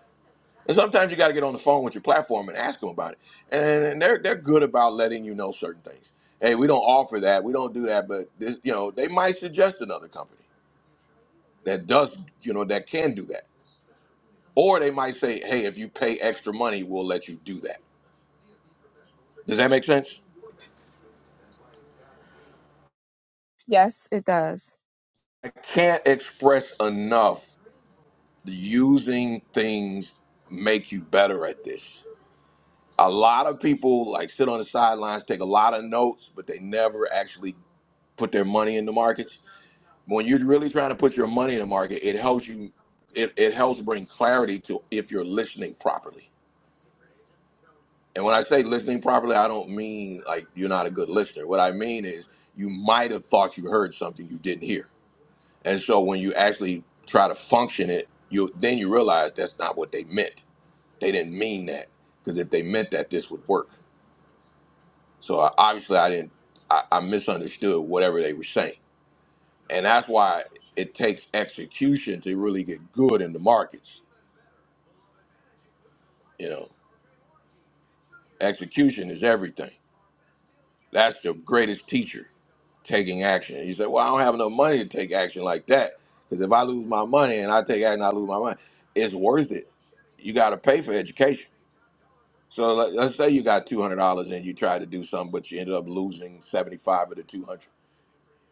and sometimes you got to get on the phone with your platform and ask them about it and, and they're they're good about letting you know certain things hey we don't offer that we don't do that but this you know they might suggest another company that does you know that can do that or they might say hey if you pay extra money we'll let you do that does that make sense yes, it does. i can't express enough using things make you better at this a lot of people like sit on the sidelines take a lot of notes but they never actually put their money in the markets when you're really trying to put your money in the market it helps you it, it helps bring clarity to if you're listening properly And when I say listening properly, I don't mean like you're not a good listener. What I mean is you might have thought you heard something you didn't hear. And so when you actually try to function it, you then you realize that's not what they meant. They didn't mean that because if they meant that, this would work. So I, obviously, I didn't. I, I misunderstood whatever they were saying, and that's why it takes execution to really get good in the markets. You know, execution is everything. That's the greatest teacher taking action. You say, well, I don't have enough money to take action like that. Because if I lose my money and I take action, I lose my money. It's worth it. You got to pay for education. So let, let's say you got $200 and you try to do something, but you ended up losing 75 of the 200.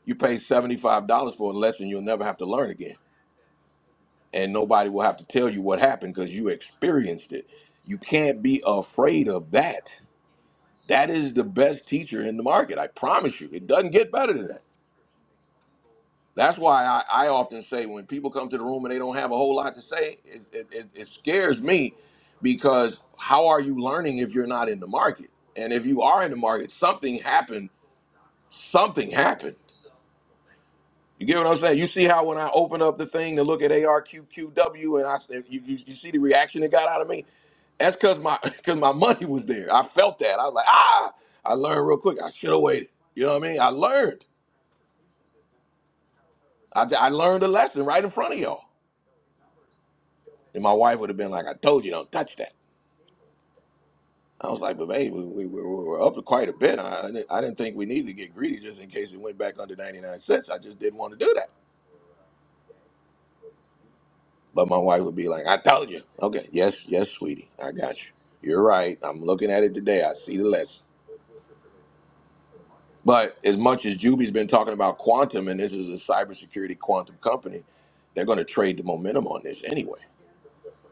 You pay $75 for a lesson you'll never have to learn again. And nobody will have to tell you what happened because you experienced it. You can't be afraid of that. That is the best teacher in the market. I promise you. It doesn't get better than that That's why I, I often say when people come to the room and they don't have a whole lot to say, it, it, it, it scares me because how are you learning if you're not in the market? And if you are in the market, something happened. Something happened. You get what I'm saying? You see how when I open up the thing to look at ARQQW and I said, you, you, you see the reaction it got out of me? That's because my because my money was there. I felt that. I was like, ah, I learned real quick. I should have waited. You know what I mean? I learned. I, I learned a lesson right in front of y'all. And my wife would have been like, I told you don't touch that. I was like, but babe, we, we, we were up quite a bit. I, I, didn't, I didn't think we needed to get greedy just in case it went back under 99 cents. I just didn't want to do that. But my wife would be like, I told you. Okay, yes, yes, sweetie, I got you. You're right. I'm looking at it today. I see the lesson. But as much as Juby's been talking about quantum, and this is a cybersecurity quantum company, they're going to trade the momentum on this anyway.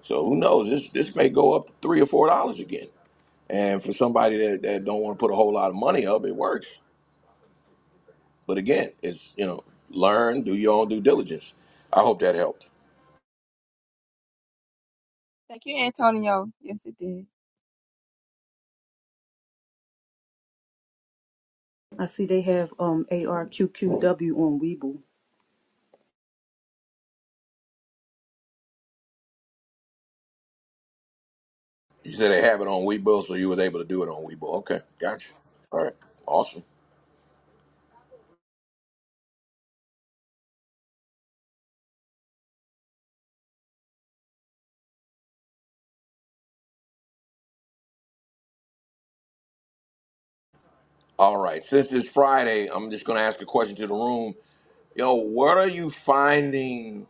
So who knows? This this may go up to three or four dollars again. And for somebody that, that don't want to put a whole lot of money up, it works. But again, it's you know, learn, do your own due diligence. I hope that helped. Thank you, Antonio. Yes, it did. I see they have um ARQQW on Weeble. You said they have it on Webull, so you was able to do it on Webull. Okay, gotcha. All right, awesome. All right, since it's Friday, I'm just gonna ask a question to the room. Yo, what are you finding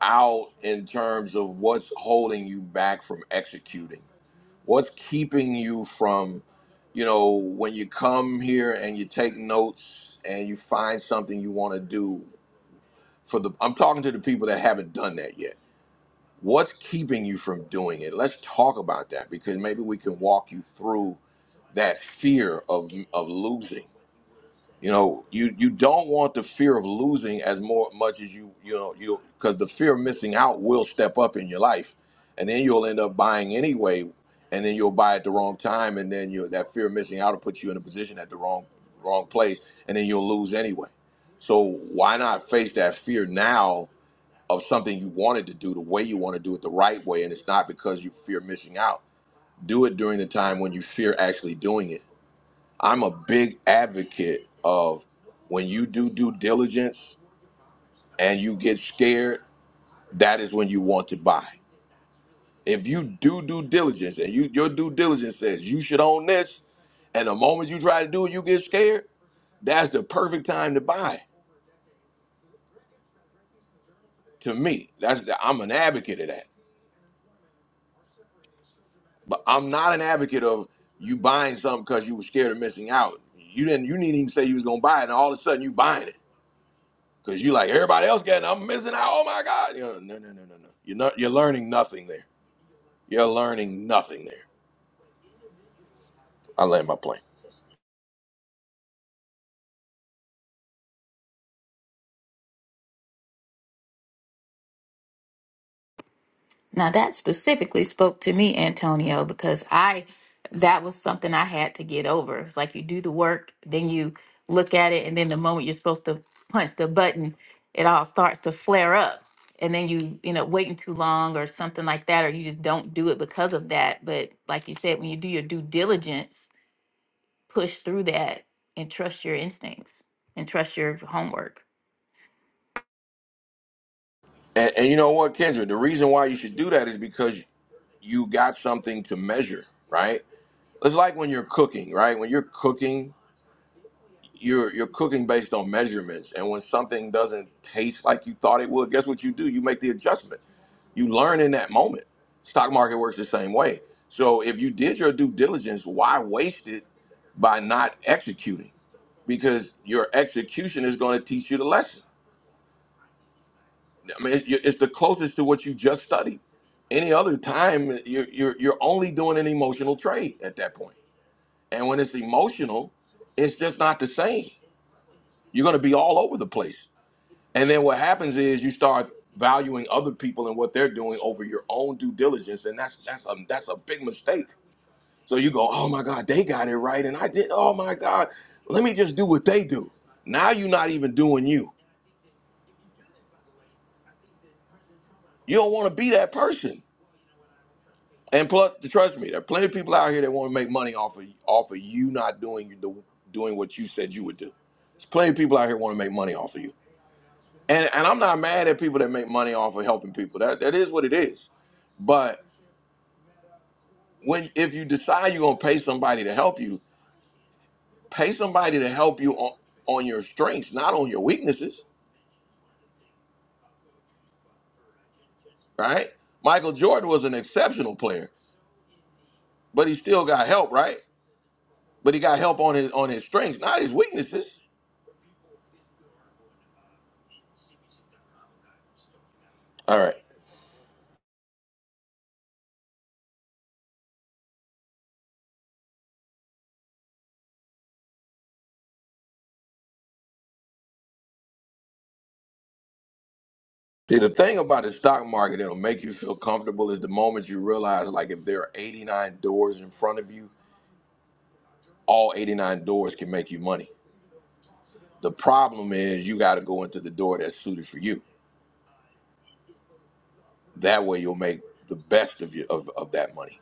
out in terms of what's holding you back from executing? What's keeping you from, you know, when you come here and you take notes and you find something you want to do for the I'm talking to the people that haven't done that yet. What's keeping you from doing it? Let's talk about that because maybe we can walk you through that fear of of losing you know, you you don't want the fear of losing as more much as you you know you because the fear of missing out will step up in your life, and then you'll end up buying anyway, and then you'll buy at the wrong time, and then you that fear of missing out will put you in a position at the wrong wrong place, and then you'll lose anyway. So why not face that fear now of something you wanted to do the way you want to do it the right way, and it's not because you fear missing out. Do it during the time when you fear actually doing it I'm a big advocate of when you do due diligence and you get scared, that is when you want to buy. If you do due diligence and you your due diligence says you should own this, and the moment you try to do it, you get scared, that's the perfect time to buy. To me, that's the, I'm an advocate of that. But I'm not an advocate of you buying something because you were scared of missing out. You didn't you didn't even say you was gonna buy it, and all of a sudden you buying it. because you like everybody else getting. I'm missing out. Oh my god! You know, no, no, no, no, no. You're not. You're learning nothing there. You're learning nothing there. I land my plane. Now that specifically spoke to me, Antonio, because I that was something I had to get over. It's like you do the work, then you look at it, and then the moment you're supposed to punch the button, it all starts to flare up. And then you, you know, waiting too long or something like that, or you just don't do it because of that. But like you said, when you do your due diligence, push through that and trust your instincts and trust your homework. And, and you know what, Kendra? The reason why you should do that is because you got something to measure, right? It's like when you're cooking, right? When you're cooking, you're you're cooking based on measurements. And when something doesn't taste like you thought it would, guess what you do? You make the adjustment You learn in that moment. Stock market works the same way. So if you did your due diligence, why waste it by not executing? Because your execution is going to teach you the lesson. I mean, it- it's the closest to what you just studied. Any other time, you're, you're, you're only doing an emotional trade at that point. And when it's emotional, it's just not the same. You're going to be all over the place. And then what happens is you start valuing other people and what they're doing over your own due diligence, and that's that's a that's a big mistake. So you go, oh my God, they got it right, and I did. Oh my God, let me just do what they do. Now you're not even doing you. You don't want to be that person. And plus, trust me, there are plenty of people out here that want to make money off of off of you not doing the doing what you said you would do. There's plenty of people out here want to make money off of you. And and I'm not mad at people that make money off of helping people. That that is what it is. But when if you decide you're gonna pay somebody to help you, pay somebody to help you on, on your strengths, not on your weaknesses, right? Michael Jordan was an exceptional player, but he still got help, right? But he got help on his on his strengths, not his weaknesses. All right. See, the thing about the stock market that'll make you feel comfortable is the moment you realize, like, if there are 89 doors in front of you, all 89 doors can make you money. The problem is you got to go into the door that's suited for you That way you'll make the best of you of, of that money.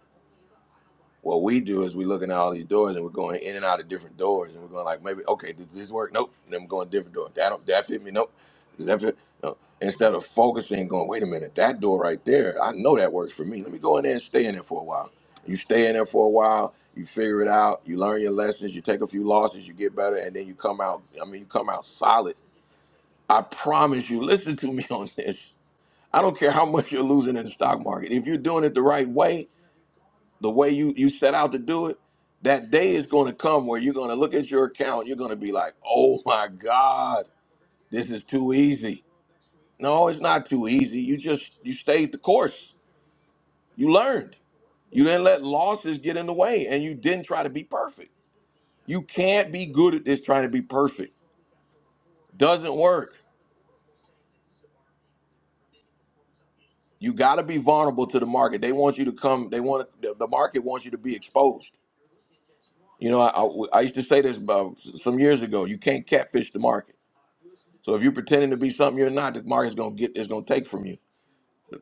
What we do is we're looking at all these doors and we're going in and out of different doors and we're going like maybe okay does this work? Nope. And then I'm going different door. That don't that fit me? Nope. Does that fit? No. Instead of focusing, going wait a minute that door right there I know that works for me. Let me go in there and stay in there for a while. You stay in there for a while. You figure it out. You learn your lessons. You take a few losses. You get better, and then you come out. I mean, you come out solid. I promise you. Listen to me on this. I don't care how much you're losing in the stock market. If you're doing it the right way, the way you you set out to do it, that day is going to come where you're going to look at your account. You're going to be like, "Oh my God, this is too easy." No, it's not too easy. You just you stayed the course. You learned. You didn't let losses get in the way, and you didn't try to be perfect. You can't be good at this trying to be perfect. Doesn't work. You got to be vulnerable to the market. They want you to come. They want the the market wants you to be exposed You know, I, I, I used to say this about some years ago. You can't catfish the market. So if you're pretending to be something you're not, the market's gonna get it's gonna take from you.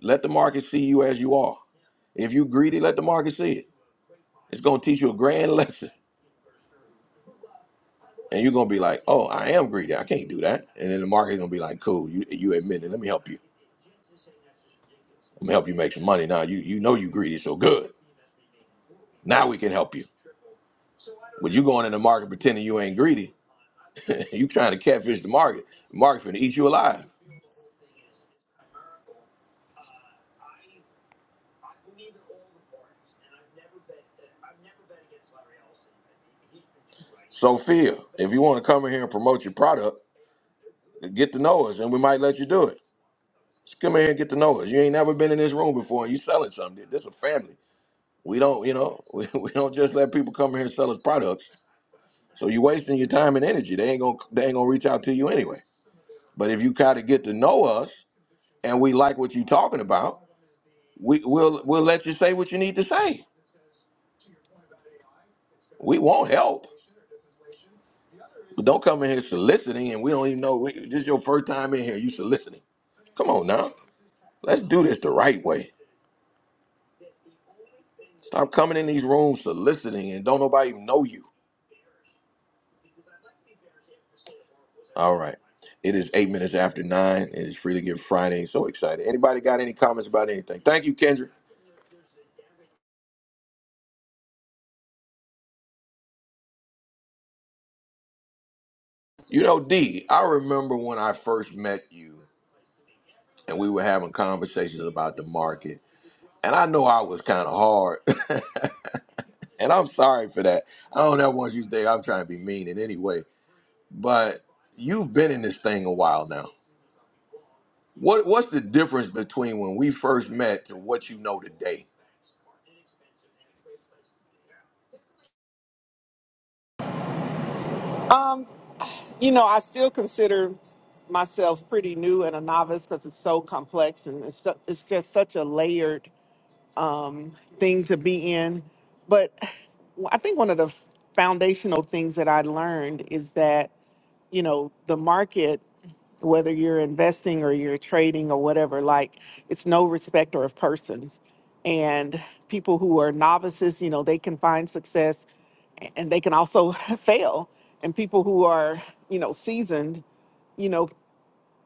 Let the market see you as you are. If you are greedy, let the market see it. It's gonna teach you a grand lesson, and you're gonna be like, "Oh, I am greedy. I can't do that." And then the market's gonna be like, "Cool, you you admit it. Let me help you. Let me help you make some money. Now you you know you greedy, so good. Now we can help you." But you going in the market pretending you ain't greedy. you trying to catfish the market. The market's gonna eat you alive. Sophia, if you want to come in here and promote your product, get to know us, and we might let you do it. Just come in here and get to know us. You ain't never been in this room before, and you selling something. This is a family. We don't, you know, we, we don't just let people come in here and sell us products. So you're wasting your time and energy. They ain't gonna, they ain't gonna reach out to you anyway. But if you kind of get to know us, and we like what you're talking about, we, we'll, we'll let you say what you need to say. We won't help, but don't come in here soliciting, and we don't even know. We, this is your first time in here. You soliciting. Come on now. Let's do this the right way. Stop coming in these rooms soliciting and don't nobody even know you. All right. It is eight minutes after nine. It is freely to give Friday. So excited. Anybody got any comments about anything? Thank you, Kendra. You know, D, I remember when I first met you and we were having conversations about the market. And I know I was kind of hard. and I'm sorry for that. I don't ever want you to think I'm trying to be mean in any way. But you've been in this thing a while now. What what's the difference between when we first met to what you know today? Um, you know, I still consider myself pretty new and a novice because it's so complex and it's, so, it's just such a layered um, thing to be in. But I think one of the foundational things that I learned is that, you know, the market, whether you're investing or you're trading or whatever, like it's no respecter of persons. And people who are novices, you know, they can find success and they can also fail. And people who are, you know, seasoned, you know,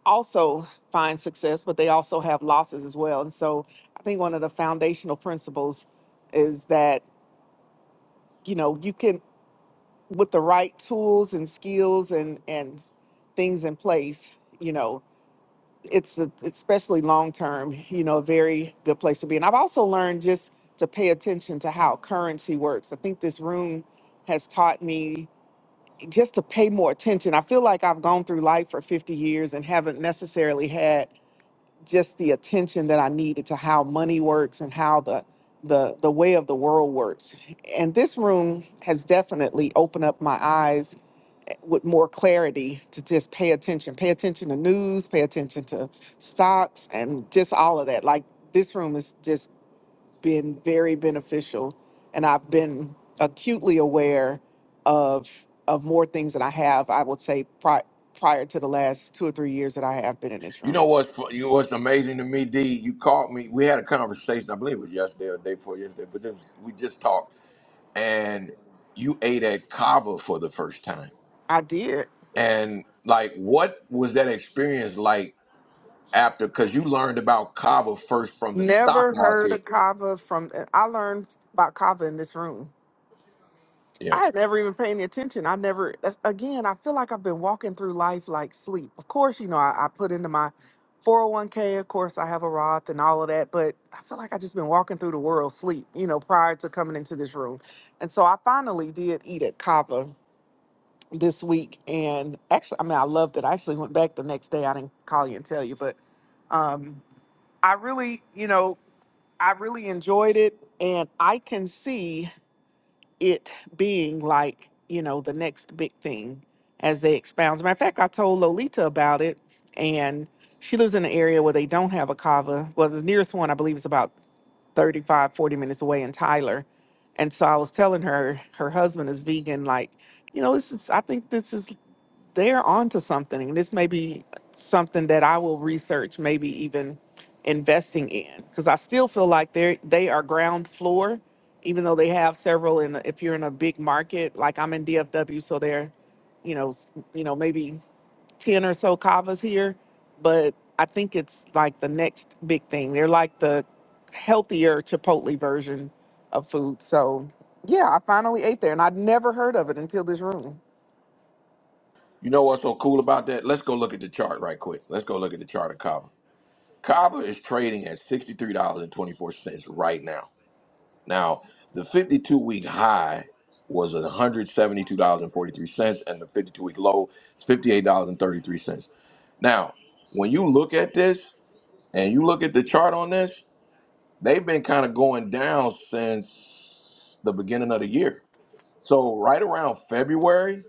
also find success, but they also have losses as well. And so I think one of the foundational principles is that, you know, you can with the right tools and skills and and things in place, you know, it's a, especially long term, you know, a very good place to be. And I've also learned just to pay attention to how currency works. I think this room has taught me just to pay more attention. I feel like I've gone through life for 50 years and haven't necessarily had just the attention that I needed to how money works and how the the the way of the world works. And this room has definitely opened up my eyes eh, with more clarity to just pay attention. Pay attention to news, pay attention to stocks and just all of that. Like this room is just been very beneficial and I've been acutely aware of of more things that I have I would say pri- prior to the last 2 or 3 years that I have been in this You room. know what's fu- you know what's amazing to me, D. You called me. We had a conversation. I believe it was yesterday or the day before yesterday, but it was, we just talked, and you ate at Kava for the first time. I did And like, what was that experience like after? Because you learned about Kava first from the stock never heard of market. kava from I learned about kava in this room. Yeah. I had never even paid any attention. I never, that's, again, I feel like I've been walking through life like sleep. Of course, you know, I, I put into my 401k, of course, I have a Roth and all of that, but I feel like i just been walking through the world sleep, you know, prior to coming into this room. And so I finally did eat at Kava this week. And actually, I mean, I loved it. I actually went back the next day. I didn't call you and tell you, but um, I really, you know, I really enjoyed it. And I can see it being like you know the next big thing as they expound. As a matter of fact, I told Lolita about it, and she lives in an area where they don't have a kava. Well, the nearest one I believe is about 35, 40 minutes away in Tyler. And so I was telling her her husband is vegan. Like, you know, this is I think this is they're onto something. And this may be something that I will research, maybe even investing in, because I still feel like they are they are ground floor, even though they have several. And if you're in a big market, like I'm in DFW, so they're, you know, s- you know maybe ten or so kavas here, but I think it's like the next big thing. They're like the healthier Chipotle version of food. So yeah, I finally ate there, and I'd never heard of it until this room. You know what's so cool about that? Let's go look at the chart right quick. Let's go look at the chart of Kava. Kava is trading at $63.24 right now. Now, the 52 week high was $172.43, and forty-three cents, and the 52 week low is $58.33. Now, when you look at this and you look at the chart on this, they've been kind of going down since the beginning of the year. So, right around February,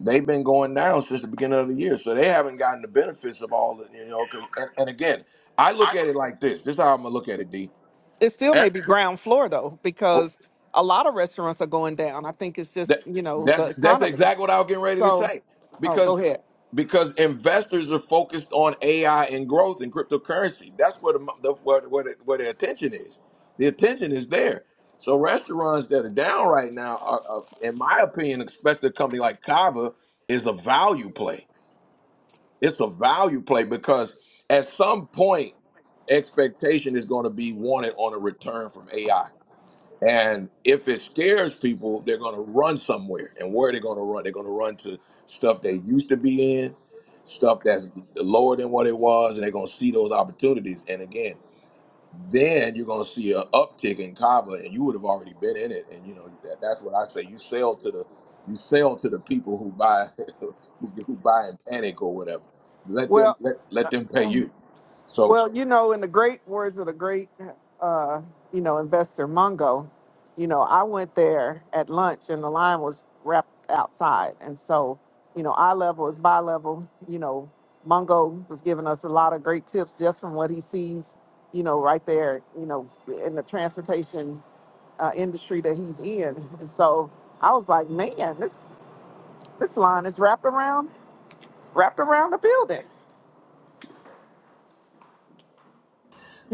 they've been going down since the beginning of the year, so they haven't gotten the benefits of all the you know. Because and, and again, I look at it like this. This is how I'm gonna look at it, D. It still Eh, may be ground floor though, oh, because a lot of restaurants are going down. I think it's just, That, you know, the that's that's economy. exactly what I was getting ready to So, say oh, because go ahead. because investors are focused on AI and growth and cryptocurrency. That's where the, mo- the where, where, the, where the attention is. The attention is there. So restaurants that are down right now, are, are, in my opinion, especially a company like Kava, is a value play It's a value play because at some point, expectation is going to be wanted on a return from AI. And if it scares people, they're going to run somewhere. And where are they going to run? They're going to run to stuff they used to be in, stuff that's lower than what it was, and they're going to see those opportunities. And again, then you're gonna see an uptick in Kava, and you would have already been in it. And you know that, that's what I say. You sell to the you sell to the people who buy who, who buy in panic or whatever. Let them Well, let, let them pay you. So well, you know, in the great words of the great, uh, you know, investor Mungo, you know, I went there at lunch and the line was wrapped outside. And so, you know, eye level is bi level. You know, Mungo was giving us a lot of great tips just from what he sees, you know, right there, you know, in the transportation uh, industry that he's in. And so I was like, man, this this line is wrapped around wrapped around the building.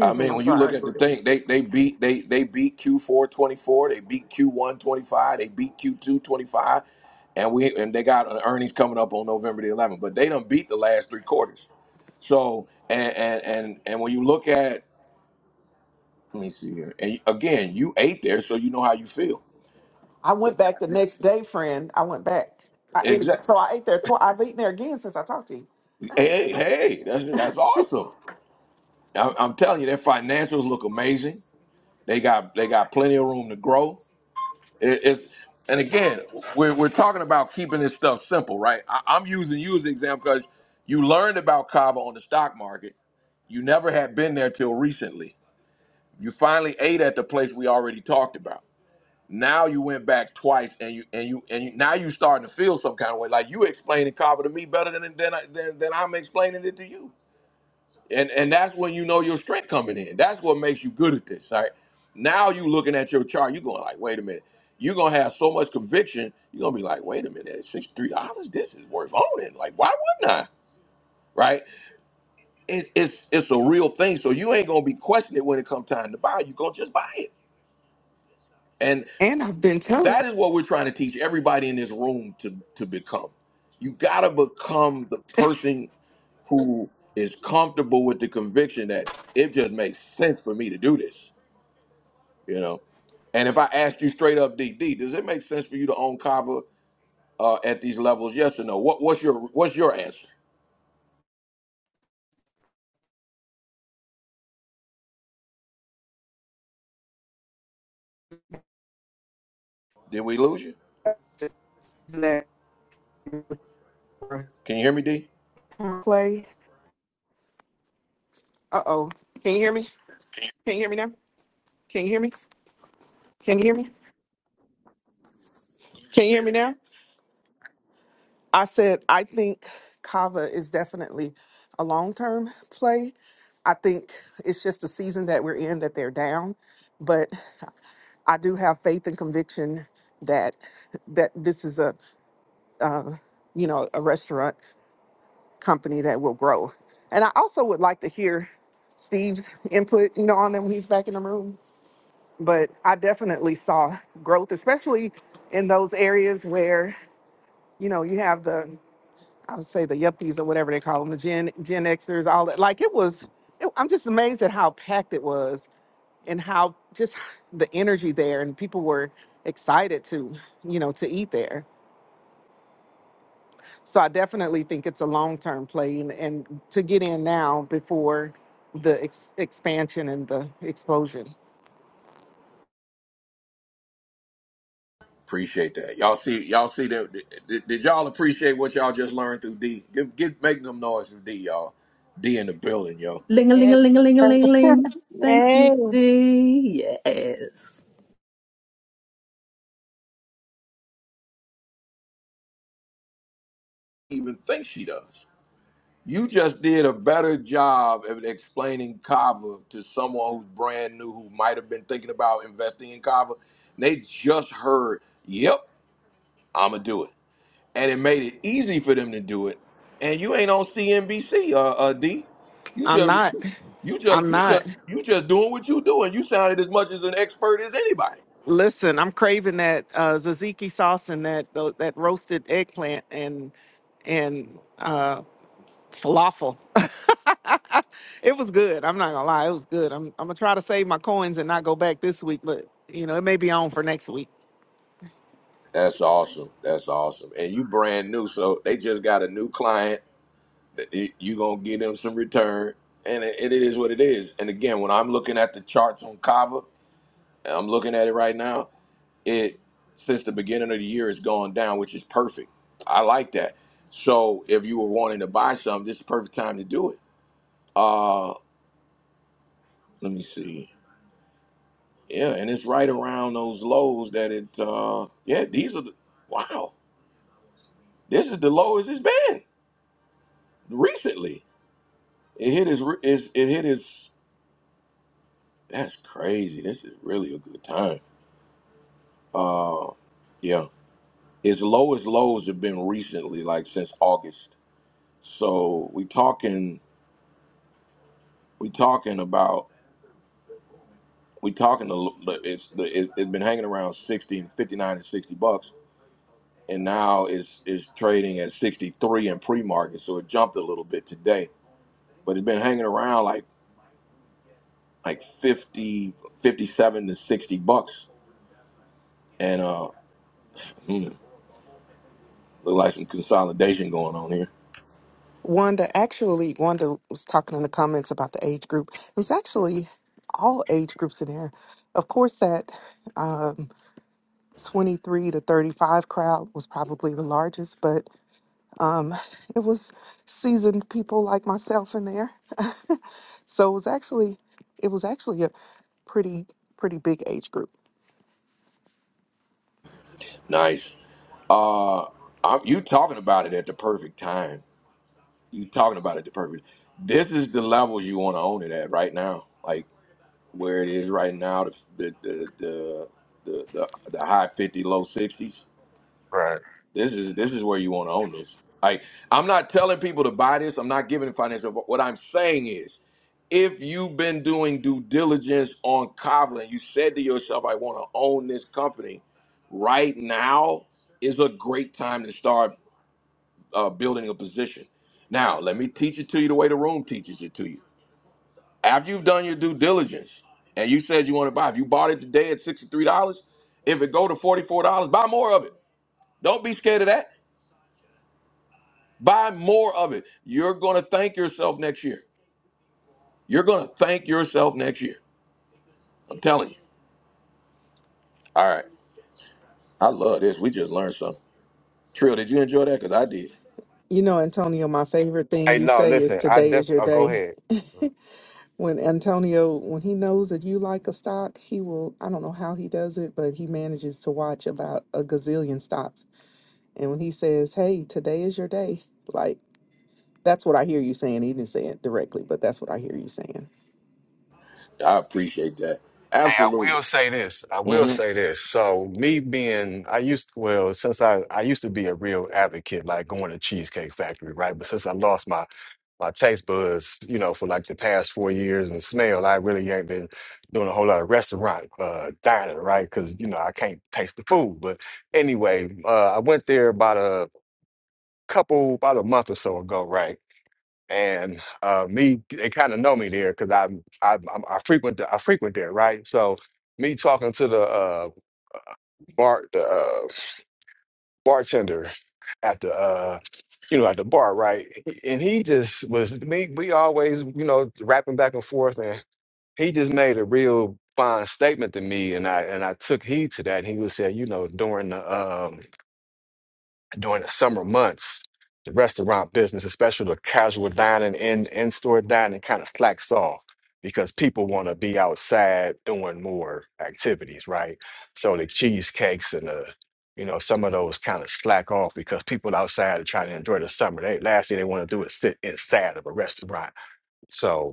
I me, mean, I'm when you look sorry. at the thing, they they beat they they beat q four twenty four, they beat q one 25, they beat q two twenty five, and we and they got an earnings coming up on November the 11th. But they don't beat the last three quarters. So and and and and when you look at Let me see here. And again, you ate there, so you know how you feel. I They went back the got next day, friend. I went back. I ate exactly. so I ate there twice. I've eaten there again since I talked to you. Hey, hey, that's that's awesome. I, I'm telling you, their financials look amazing. They got they got plenty of room to grow. It, it's and again, we're we're talking about keeping this stuff simple, right? I, I'm using you as an example because you learned about Kava on the stock market. You never had been there till recently. You finally ate at the place we already talked about. Now you went back twice, and you and you and you, now you starting to feel some kind of way. Like you explaining Carver to me better than than, I, than than I'm explaining it to you. And and that's when you know your strength coming in. That's what makes you good at this. Right now, you looking at your chart. You going like, wait a minute. You're gonna have so much conviction. You're gonna be like, wait a minute, sixty three dollars. This is worth owning. Like, why wouldn't I? Right? It, it's it's a real thing. So you ain't gonna be questioning it when it comes time to buy. You gonna just buy it. and. And I've been telling That is what we're trying to teach everybody in this room to to become. You got to become the person who is comfortable with the conviction that it just makes sense for me to do this, you know. And if I ask you straight up, D, D, does it make sense for you to own Kava uh, at these levels? Yes or no? What, what's your What's your answer? Did we lose you? you that Can you hear me, D? Clay. Uh oh. Can you hear me? Can you hear me now? Can you hear me? Can you hear me? Can you hear me now? I said I think Kava is definitely a long term play. I think it's just the season that we're in that they're down, but I do have faith and conviction that that this is a uh, you know a restaurant company that will grow. And I also would like to hear Steve's input, you know, on them when he's back in the room. But I definitely saw growth, especially in those areas where you know you have the I would say the yuppies or whatever they call them, the Gen Gen Xers, all that. Like it was, it, I'm just amazed at how packed it was and how just the energy there, and people were excited to, you know, to eat there. So I definitely think it's a long term play, and, and to get in now before the ex- expansion and the explosion. Appreciate that. Y'all see, y'all see that. Did, did y'all appreciate what y'all just learned through D? Give, give, make them noise through D, y'all. D in the building, yo. Ling a ling a ling a ling a ling ling. Thanks, Yes. Miss D. Yes, even think she does. You just did a better job of explaining Kava to someone who's brand new who might have been thinking about investing in Kava. They just heard, yep, I'm going to do it. And it made it easy for them to do it. And you ain't on CNBC, uh, uh, D. You I'm just, not, you just, I'm you not. just, you just doing what you doing. You sounded as much as an expert as anybody. Listen, I'm craving that uh, tzatziki sauce and that tho- that roasted eggplant and and uh, falafel. It was good. I'm not gonna lie. It was good. I'm I'm gonna try to save my coins and not go back this week, but you know, it may be on for next week. That's awesome. That's awesome. And you brand new, so they just got a new client it- you gonna give them some return, and it, it is what it is. And again, when I'm looking at the charts on Kava, and I'm looking at it right now. It since the beginning of the year it's gone down, which is perfect. I like that. So if you were wanting to buy something, this is the perfect time to do it. Uh, let me see. Yeah, and it's right around those lows that it. Uh, yeah, these are. The, wow, this is the lowest it's been recently. It hit his. it hit his. That's crazy. This is really a good time. Uh, yeah, his lowest lows have been recently, like since August. So we talking, we talking about, we talking the it's the it, it's been hanging around 60 and 59 and 60 bucks, and now it's it's trading at 63 in pre-market, so it jumped a little bit today, but it's been hanging around like like 50 57 to 60 bucks, and uh, hmm, look like some consolidation going on here. Wanda, actually, Wanda was talking in the comments about the age group. There's actually all age groups in there. Of course, that um, 23 to 35 crowd was probably the largest, but um, it was seasoned people like myself in there. so it was actually it was actually a pretty pretty big age group. Nice. Uh, I'm, you talking about it at the perfect time. You talking about it the perfect. This is the levels you want to own it at right now, like where it is right now. The the the the the, the, the high fifty, low sixties. Right. This is this is where you want to own this. Like I'm not telling people to buy this. I'm not giving financial. What I'm saying is, if you've been doing due diligence on Kavla and you said to yourself, I want to own this company right now is a great time to start uh, building a position. Now, let me teach it to you the way the room teaches it to you. After you've done your due diligence and you said you want to buy, if you bought it today at $63, if it go to $44, buy more of it. Don't be scared of that. Buy more of it. You're going to thank yourself next year. You're going to thank yourself next year. I'm telling you. All right. I love this. We just learned something. Trill, did you enjoy that? Because I did. You know, Antonio, my favorite thing Hey you no, say is listen. I today def. is your Oh, go day. ahead. when Antonio, when he knows that you like a stock, he will, I don't know how he does it, but he manages to watch about a gazillion stocks. And when he says, hey, today is your day, like that's what I hear you saying. He didn't say it directly, but that's what I hear you saying. I appreciate that. Hey, I will Absolutely. say this. I will Mhm. say this. So me being, I used well, since I I used to be a real advocate, like going to Cheesecake Factory, right? But since I lost my my taste buds, you know, for like the past four years and smell, I really ain't been doing a whole lot of restaurant uh dining, right? Because you know I can't taste the food. But anyway, uh, I went there about a couple, about a month or so ago, right? and uh, me, they kind of know me there because I'm, i I'm- I frequent I frequent there, right? So me talking to the uh, bar the uh, bartender at the uh, you know at the bar, right? And he just was me. We always you know rapping back and forth, and he just made a real fine statement to me, and I and I took heed to that. And he was saying, you know, during the um during the summer months, the restaurant business, especially the casual dining in in store dining, kind of slacks off because people want to be outside doing more activities, right? So the cheesecakes and the you know some of those kind of slack off because people outside are trying to enjoy the summer. They last thing they want to do is sit inside of a restaurant. so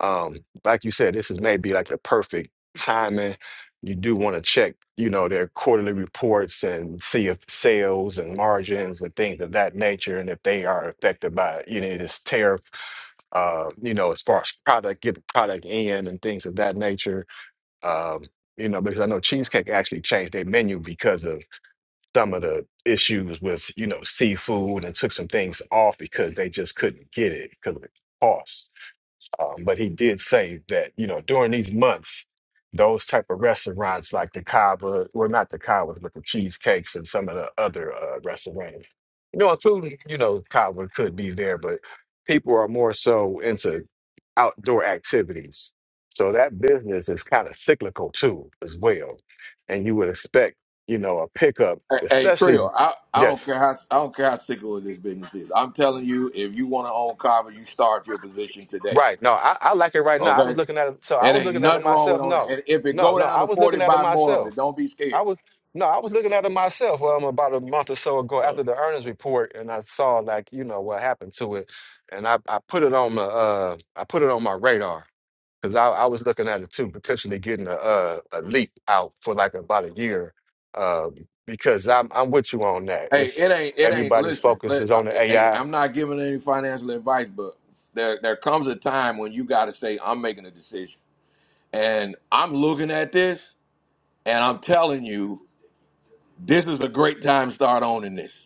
um, like you said, this is maybe like the perfect timing. You do want to check, you know, their quarterly reports and see if sales and margins and things of that nature, and if they are affected by any of this tariff, uh, you know, as far as product, get the product in and things of that nature. Um, you know, because I know Cheesecake actually changed their menu because of some of the issues with, you know, seafood and took some things off because they just couldn't get it because of the cost. Um, but he did say that you know during these months, those type of restaurants like the Kava, well not the Kavas, but the cheesecakes and some of the other uh, restaurants, you know, including you know Kava could be there, but people are more so into outdoor activities. So that business is kind of cyclical too, as well. And you would expect you know a pickup, Hey, hey especially Trio, I, I don't yes care how I don't care how sickle this business is. I'm telling you, if you want to own Carver, you start your position today. Right. No, I, I like it right now. I was Okay, looking at it. So I it was ain't looking at it nothing wrong with myself. owning. it. No, And if it no, go no. down I to was forty, looking at it buy more of it. myself. Don't be I scared. was no, I was looking at it myself. Um, about a month or so ago after the earnings report, and I saw like you know what happened to it, and I, I put it on my uh I put it on my radar because I, I was looking at it too, potentially getting a uh, a leap out for like about a year, um because I'm I'm with you on that. Hey, It's it ain't it ain't. everybody's Listen, focus let, is I, on the hey, AI. I I'm not giving any financial advice, but there there comes a time when you got to say, I'm making a decision, and I'm looking at this, and I'm telling you, this is a great time to start owning this.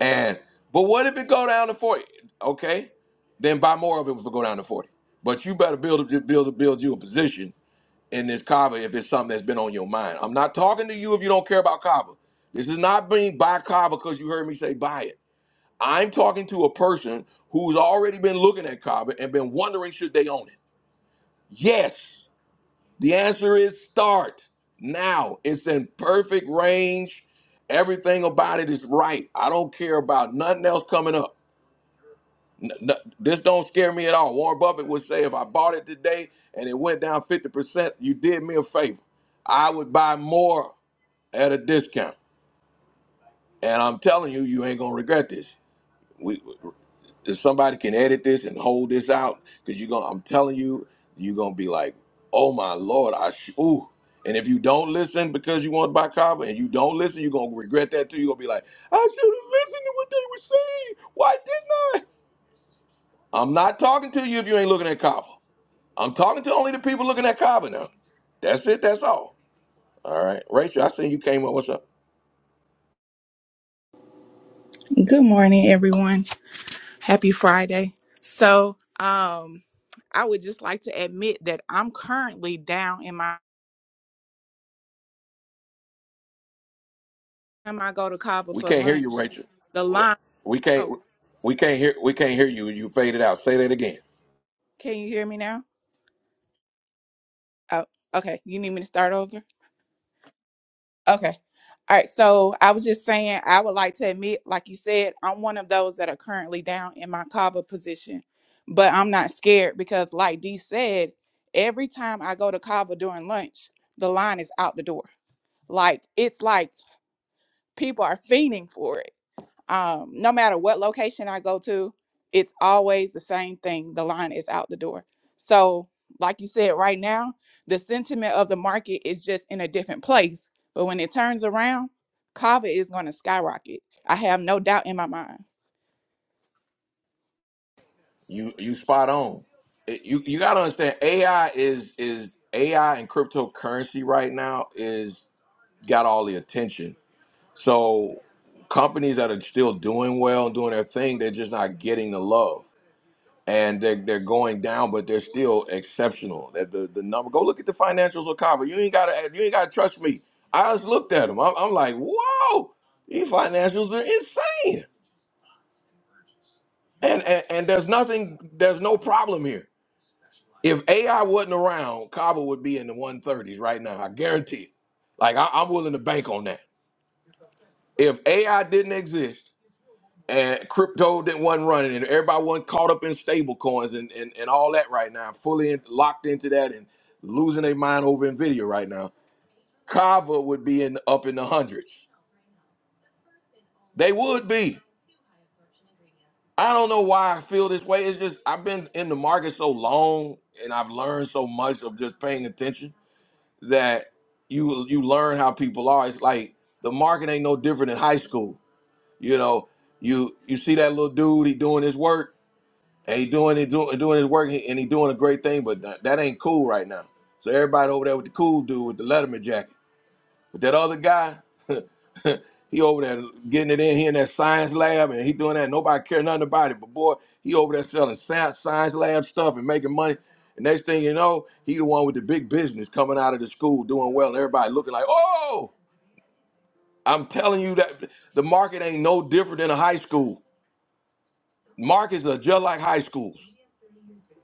And but what if it go down to forty? Okay, then buy more of it if it go down to forty. But you better build a- build a- build you a position in this kava if it's something that's been on your mind. I'm not talking to you if you don't care about kava. This is not being buy kava because you heard me say buy it. I'm talking to a person who's already been looking at kava and been wondering should they own it. Yes, the answer is start now. It's in perfect range. Everything about it is right. I don't care about nothing else coming up. N- n- this don't scare me at all. Warren Buffett would say, if I bought it today and it went down 50%, you did me a favor. I would buy more at a discount. And I'm telling you, you ain't gonna regret this. We, if somebody can edit this and hold this out, because you're gonna, I'm telling you, you're gonna be like, oh my lord, I sh- ooh. And if you don't listen because you want to buy Kava and you don't listen, you're gonna regret that too. You're gonna be like, I should have listened to what they were saying. Why didn't I? I'm not talking to you if you ain't looking at Kava. I'm talking to only the people looking at Kava now. That's it. That's all. All right, Rachel. I seen you came up. What's up? Good morning, everyone. Happy Friday. So, um, I would just like to admit that I'm currently down in my time I go to Cava We for can't hear you, lunch. Rachel. The line. We can't. Oh, We can't hear. We can't hear you. You faded out. Say that again. can you hear me now? Oh, okay. You need me to start over? Okay. All right. So I was just saying, I would like to admit, like you said, I'm one of those that are currently down in my Cava position, but I'm not scared because, like Dee said, every time I go to Cava during lunch, the line is out the door. Like it's like people are fiending for it. Um, no matter what location I go to, it's always the same thing. The line is out the door. So, like you said, right now, the sentiment of the market is just in a different place. But when it turns around, Kava is going to skyrocket. I have no doubt in my mind. You you spot on. It- You you gotta understand. AI is is AI and cryptocurrency right now is got all the attention. So companies that are still doing well and doing their thing, they're just not getting the love. and they're, they're going down, but they're still exceptional. That the, the number go look at the financials of Kava. You ain't gotta you ain't gotta trust me. I just looked at them. I'm, I'm like, whoa, these financials are insane. And, and and there's nothing, there's no problem here. If AI wasn't around, Kava would be in the 130s right now. I guarantee it. Like I, I'm willing to bank on that. If AI didn't exist and crypto didn't wasn't running and everybody wasn't caught up in stable coins and, and, and all that right now fully in, locked into that and losing their mind over nvidia right now kava would be in up in the hundreds they would be i don't know why i feel this way it's just i've been in the market so long and i've learned so much of just paying attention that you you learn how people are it's like the market ain't no different than high school you know, you you see that little dude, he doing his work, and he doing he doing, doing his work, and he doing a great thing, but that, that ain't cool right now. So everybody over there with the cool dude with the Letterman jacket, but that other guy, he over there getting it in here in that science lab, and he doing that. Nobody care nothing about it, but boy, he over there selling science, science lab stuff and making money. And next thing you know, he the one with the big business coming out of the school doing well, and everybody looking like, oh, I'm telling you that the market ain't no different than a high school. Markets are just like high schools.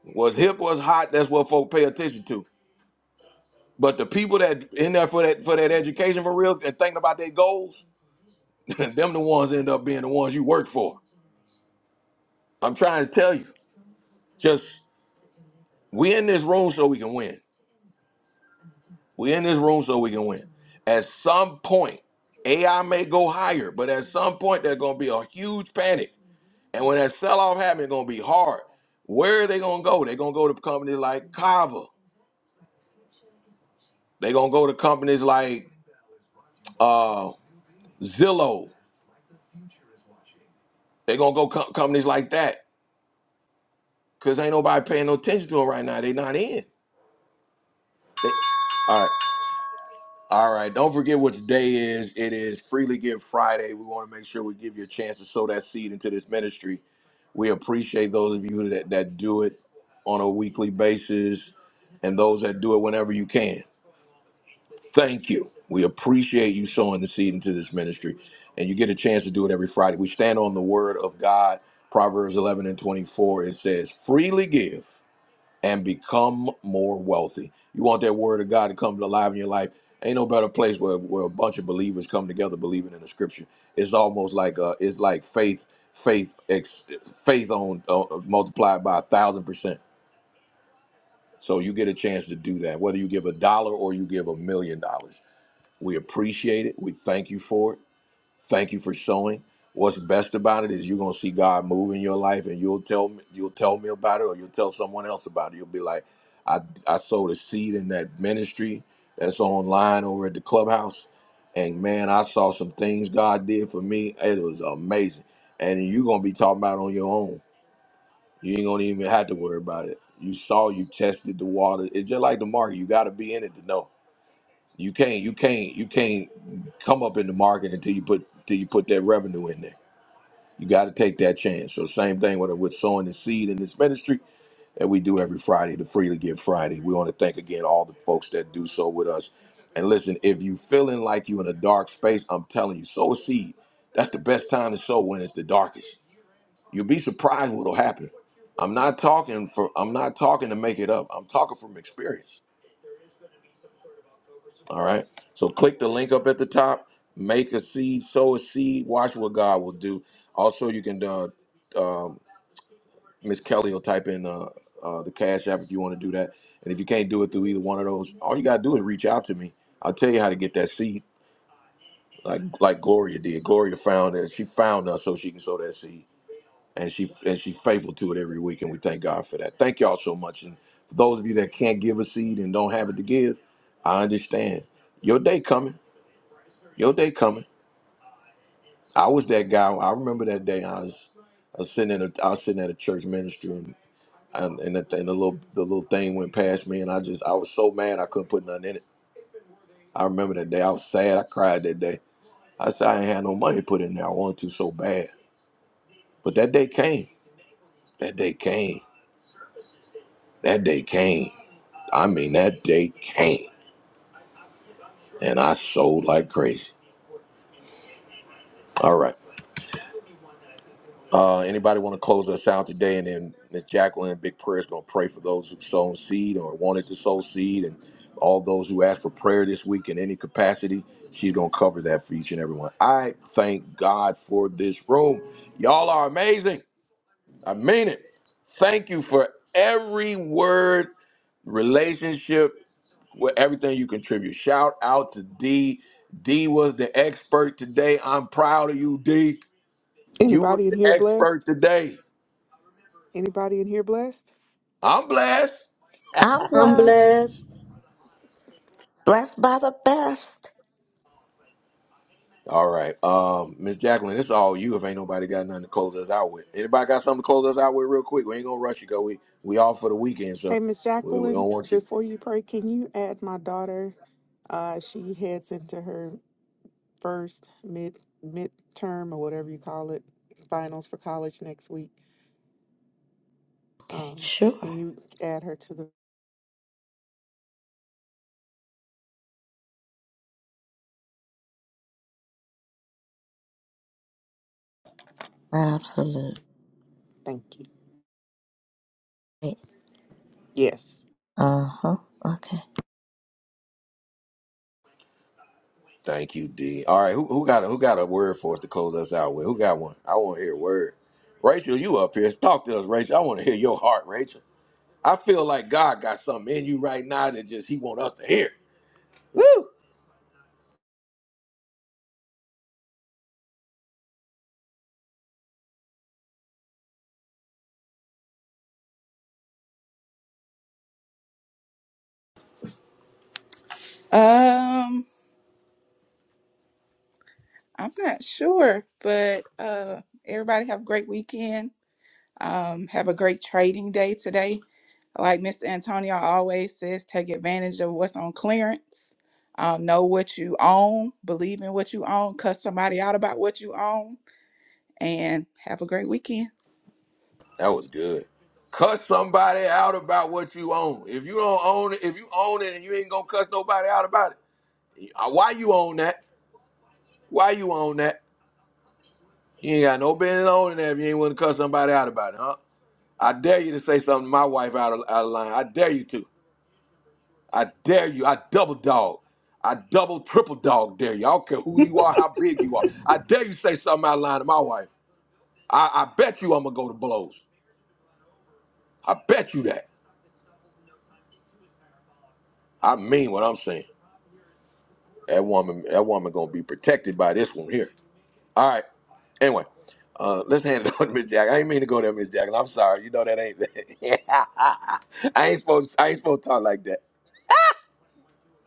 What's hip, what's hot, that's what folk pay attention to. But the people that in there for that for that education for real and thinking about their goals, them the ones end up being the ones you work for. I'm trying to tell you. Just we in this room so we can win. We in this room so we can win. At some point, AI may go higher, but at some point there's gonna be a huge panic. And when that sell-off happens, it's gonna be hard. Where are they gonna go? They're gonna go to companies like Kava. They're gonna go to companies like uh, Zillow. They're gonna go com- companies like that because ain't nobody paying no attention to them right now. They not in. They- all right, all right. Don't forget what today is. It is Freely Give Friday. We want to make sure we give you a chance to sow that seed into this ministry. We appreciate those of you that, that do it on a weekly basis and those that do it whenever you can. Thank you. We appreciate you sowing the seed into this ministry. And you get a chance to do it every Friday. We stand on the word of God, Proverbs 11 and 24. It says, freely give and become more wealthy. You want that word of God to come alive in your life. Ain't no better place where, where a bunch of believers come together believing in the scripture. It's almost like uh, it's like faith, faith, ex, faith on uh, multiplied by a thousand percent. So you get a chance to do that, whether you give a dollar or you give a million dollars we appreciate it. We thank you for it. Thank you for showing. What's best about it is you're gonna see God move in your life, and you'll tell me, you'll tell me about it, or you'll tell someone else about it. You'll be like, I I sowed a seed in that ministry that's online over at the clubhouse, and man, I saw some things God did for me. It was amazing, and you're gonna be talking about it on your own. You ain't gonna even have to worry about it. You saw, you tested the water. It's just like the market. You got to be in it to know. You can't you can't you can't come up in the market until you put until you put that revenue in there. You got to take that chance. So same thing with with sowing the seed in this ministry that we do every Friday, the Freely Give Friday. We want to thank again all the folks that do so with us. And listen, if you feeling like you in a dark space, I'm telling you, sow a seed. That's the best time to sow when it's the darkest. You'll be surprised what'll happen. I'm not talking for I'm not talking to make it up. I'm talking from experience All right. So click the link up at the top. Make a seed, sow a seed. Watch what God will do. Also, you can uh, um Miss Kelly will type in uh, uh, the Cash App if you want to do that. And if you can't do it through either one of those, all you gotta do is reach out to me. I'll tell you how to get that seed, like like Gloria did. Gloria found that she found us so she can sow that seed, and she and she's faithful to it every week. And we thank God for that. Thank y'all so much. And for those of you that can't give a seed and don't have it to give, I understand. Your day coming. Your day coming. I was that guy. I remember that day. I was, I was sitting in a, I was sitting at a church ministry, and and, and, the, and the little the little thing went past me, and I just I was so mad I couldn't put nothing in it. I remember that day. I was sad. I cried that day. I said I ain't had no money to put in there. I wanted to so bad, but that day came. That day came. That day came. I mean, that day came, and I sold like crazy. All right. Uh, anybody want to close us out today? And then Miss Jacqueline, Big Prayer is going to pray for those who sown seed or wanted to sow seed, and all those who asked for prayer this week in any capacity. She's going to cover that for each and every one. I thank God for this room. Y'all are amazing. I mean it. Thank you for every word, relationship, wh- everything you contribute. Shout out to D. D was the expert today. I'm proud of you, D. You was Anybody in the here expert blessed? today. Anybody in here blessed? I'm blessed. I'm I'm blessed. blessed. Blessed by the best. All right. Um, Miss Jacqueline, it's all you if ain't nobody got nothing to close us out with. Anybody got something to close us out with real quick? We ain't gonna rush you because we we off for the weekend, Hey, so Miss we, we Jacqueline, don't want you before you pray, can you add my daughter? Uh, she heads into her first mid midterm or whatever you call it, finals for college next week. Okay, Um, sure. can you add her to the? Absolutely. Thank you. Yes. Uh huh. Okay. thank you, D. All right, who who got a who got a word for us to close us out with? Who got one? I wanna hear a word. Rachel, you up here. Talk to us, Rachel. I wanna hear your heart, Rachel. I feel like God got something in you right now that just he want us to hear. Woo! Um, I'm not sure, but uh, everybody have a great weekend. Um, have a great trading day today Like Mr. Antonio always says, take advantage of what's on clearance. Um, know what you own, believe in what you own, cuss somebody out about what you own, and have a great weekend. That was good. Cuss somebody out about what you own. If you don't own it, if you own it and you ain't gonna cuss nobody out about it, uh, why you own that? Why you own that? You ain't got no business owning that if you ain't want to cuss somebody out about it, huh? I dare you to say something to my wife out of, out of line. I dare you to. I dare you. I double dog. I double triple dog dare you. I don't care who you are, how big you are. I dare you say something out of line to my wife. I, I bet you I'm gonna go to blows. I bet you that. I mean what I'm saying. That woman, that woman gonna be protected by this one here. All right. Anyway, uh, let's hand it over to Miss Jack. I ain't mean to go there, Miss Jack. I'm sorry. You know that ain't. I ain't supposed. I ain't supposed to talk like that.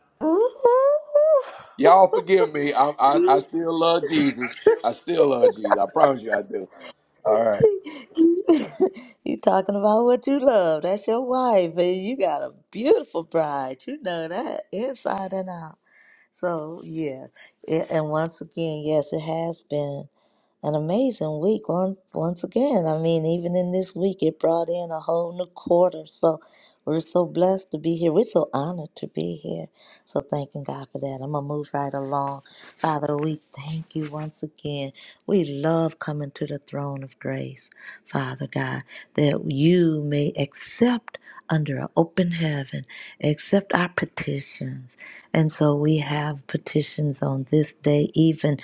Ooh. Y'all forgive me. I, I I still love Jesus. I still love Jesus. I promise you, I do. All right. You talking about what you love. That's your wife, and you got a beautiful bride. You know that inside and out. So yeah, it, and once again, yes, it has been an amazing week once once again. I mean, even in this week, it brought in a whole new quarter. So we're so blessed to be here. We're so honored to be here. So thanking God for that. I'm gonna move right along. Father, we thank you once again. We love coming to the throne of grace, Father God, that you may accept under an open heaven, accept our petitions. And so we have petitions on this day, even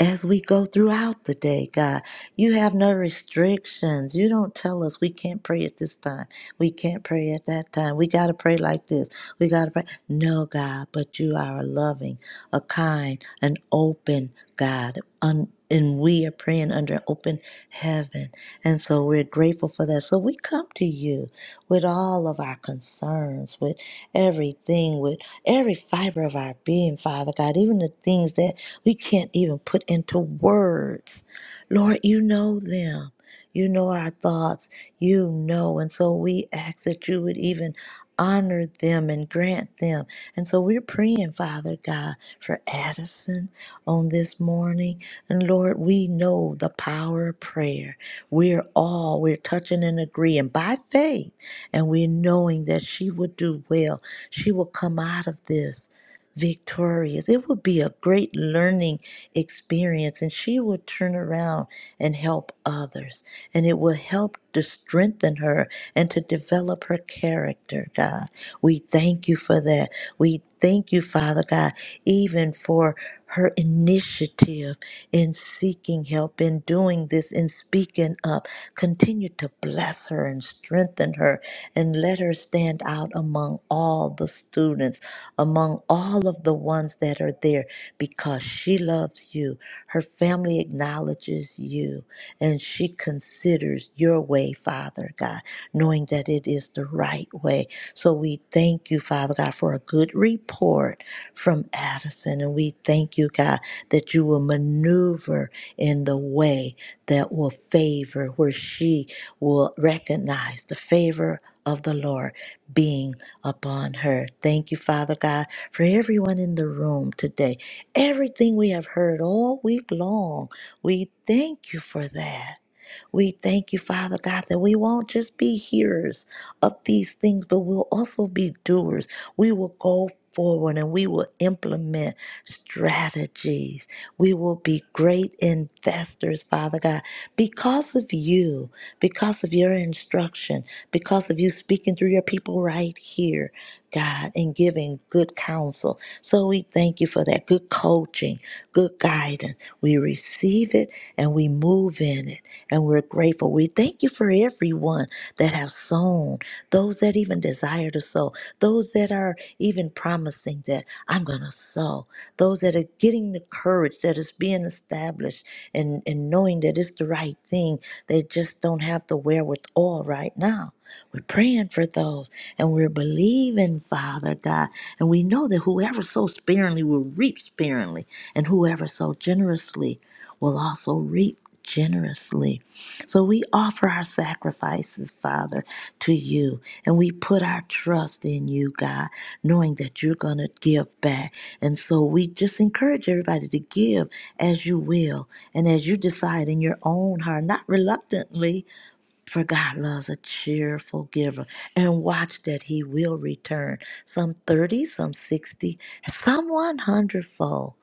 as we go throughout the day, God. You have no restrictions. You don't tell us we can't pray at this time. We can't pray at that time. We got to pray like this. We got to pray. No, God, but you are a loving, a kind, an open God. Un- and we are praying under an open heaven. And so we're grateful for that. So we come to you with all of our concerns, with everything, with every fiber of our being, Father God, even the things that we can't even put into words. Lord, you know them. You know our thoughts. You know. And so we ask that you would even honor them and grant them. And so we're praying, Father God, for Addison on this morning. And Lord, we know the power of prayer. We're all, we're touching and agreeing by faith. And we're knowing that she will do well. She will come out of this victorious. It would be a great learning experience, and she would turn around and help others. And it will help to strengthen her and to develop her character, God. We thank you for that. We thank you, Father God, even for her initiative in seeking help, in doing this, in speaking up. Continue to bless her and strengthen her and let her stand out among all the students among all of the ones that are there because she loves you. Her family acknowledges you and she considers your way, Father God, knowing that it is the right way. So we thank you, Father God, for a good report from Addison. And we thank you, God, that you will maneuver in the way that will favor, where she will recognize the favor of the Lord being upon her. Thank you, Father God, for everyone in the room today. Everything we have heard all week long, we thank you for that. We thank you, Father God, that we won't just be hearers of these things, but we'll also be doers. We will go forward and we will implement strategies. We will be great investors, Father God, because of you, because of your instruction, because of you speaking through your people right here. God, and giving good counsel. So we thank you for that good coaching, good guidance. We receive it and we move in it, and we're grateful. We thank you for everyone that have sown, those that even desire to sow, those that are even promising that I'm going to sow, those that are getting the courage that is being established and, and knowing that it's the right thing. They just don't have the wherewithal right now. We're praying for those and we're believing, Father God. And we know that whoever sows sparingly will reap sparingly, and whoever sows generously will also reap generously. So we offer our sacrifices, Father, to you, and we put our trust in you, God, knowing that you're going to give back. And so we just encourage everybody to give as you will and as you decide in your own heart, not reluctantly for God loves a cheerful giver. And watch that he will return some 30, some 60, some one hundredfold.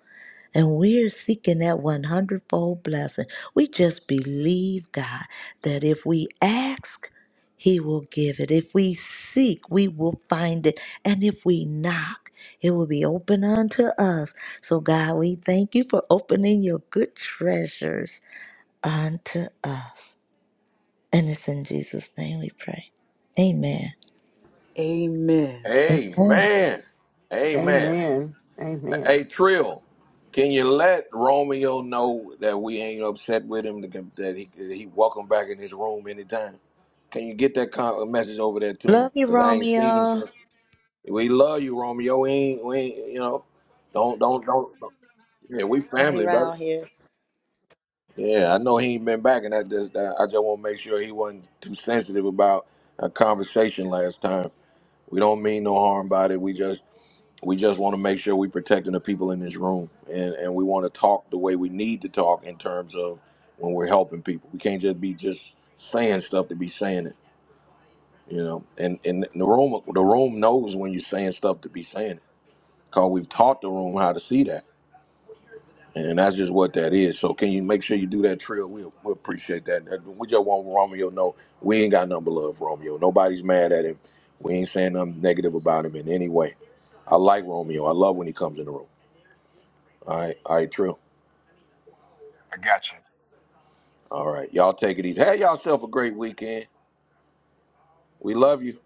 And we're seeking that one hundredfold blessing. We just believe God that if we ask, he will give it. If we seek, we will find it. And if we knock, it will be open unto us. So, God, we thank you for opening your good treasures unto us. And it's in Jesus' name we pray. Amen. Amen. Amen. Amen. Amen. Amen. Amen. Hey Trill, can you let Romeo know that we ain't upset with him? That that he that he welcome back in his room anytime. Can you get that kind of message over there to him? Love you, Cause I ain't seen him Romeo. since. We love you, Romeo. We ain't we ain't you know. Don't don't don't. don't- Yeah, we Family family, brother. round here. Yeah, I know he ain't been back, and I just I just want to make sure he wasn't too sensitive about a conversation last time. We don't mean no harm by it. We just we just want to make sure we're protecting the people in this room and, and we want to talk the way we need to talk in terms of when we're helping people we can't just be just saying stuff to be saying it you know and and the room the room knows when you're saying stuff to be saying it because we've taught the room how to see that and that's just what that is so can you make sure you do that trill we, we appreciate that That- we just want romeo to know we ain't got nothing but love for romeo nobody's mad at him we ain't saying nothing negative about him in any way i like romeo i love when he comes in the room All right, all right, true. I got you. All right, y'all take it easy. Have yourself a great weekend. We love you.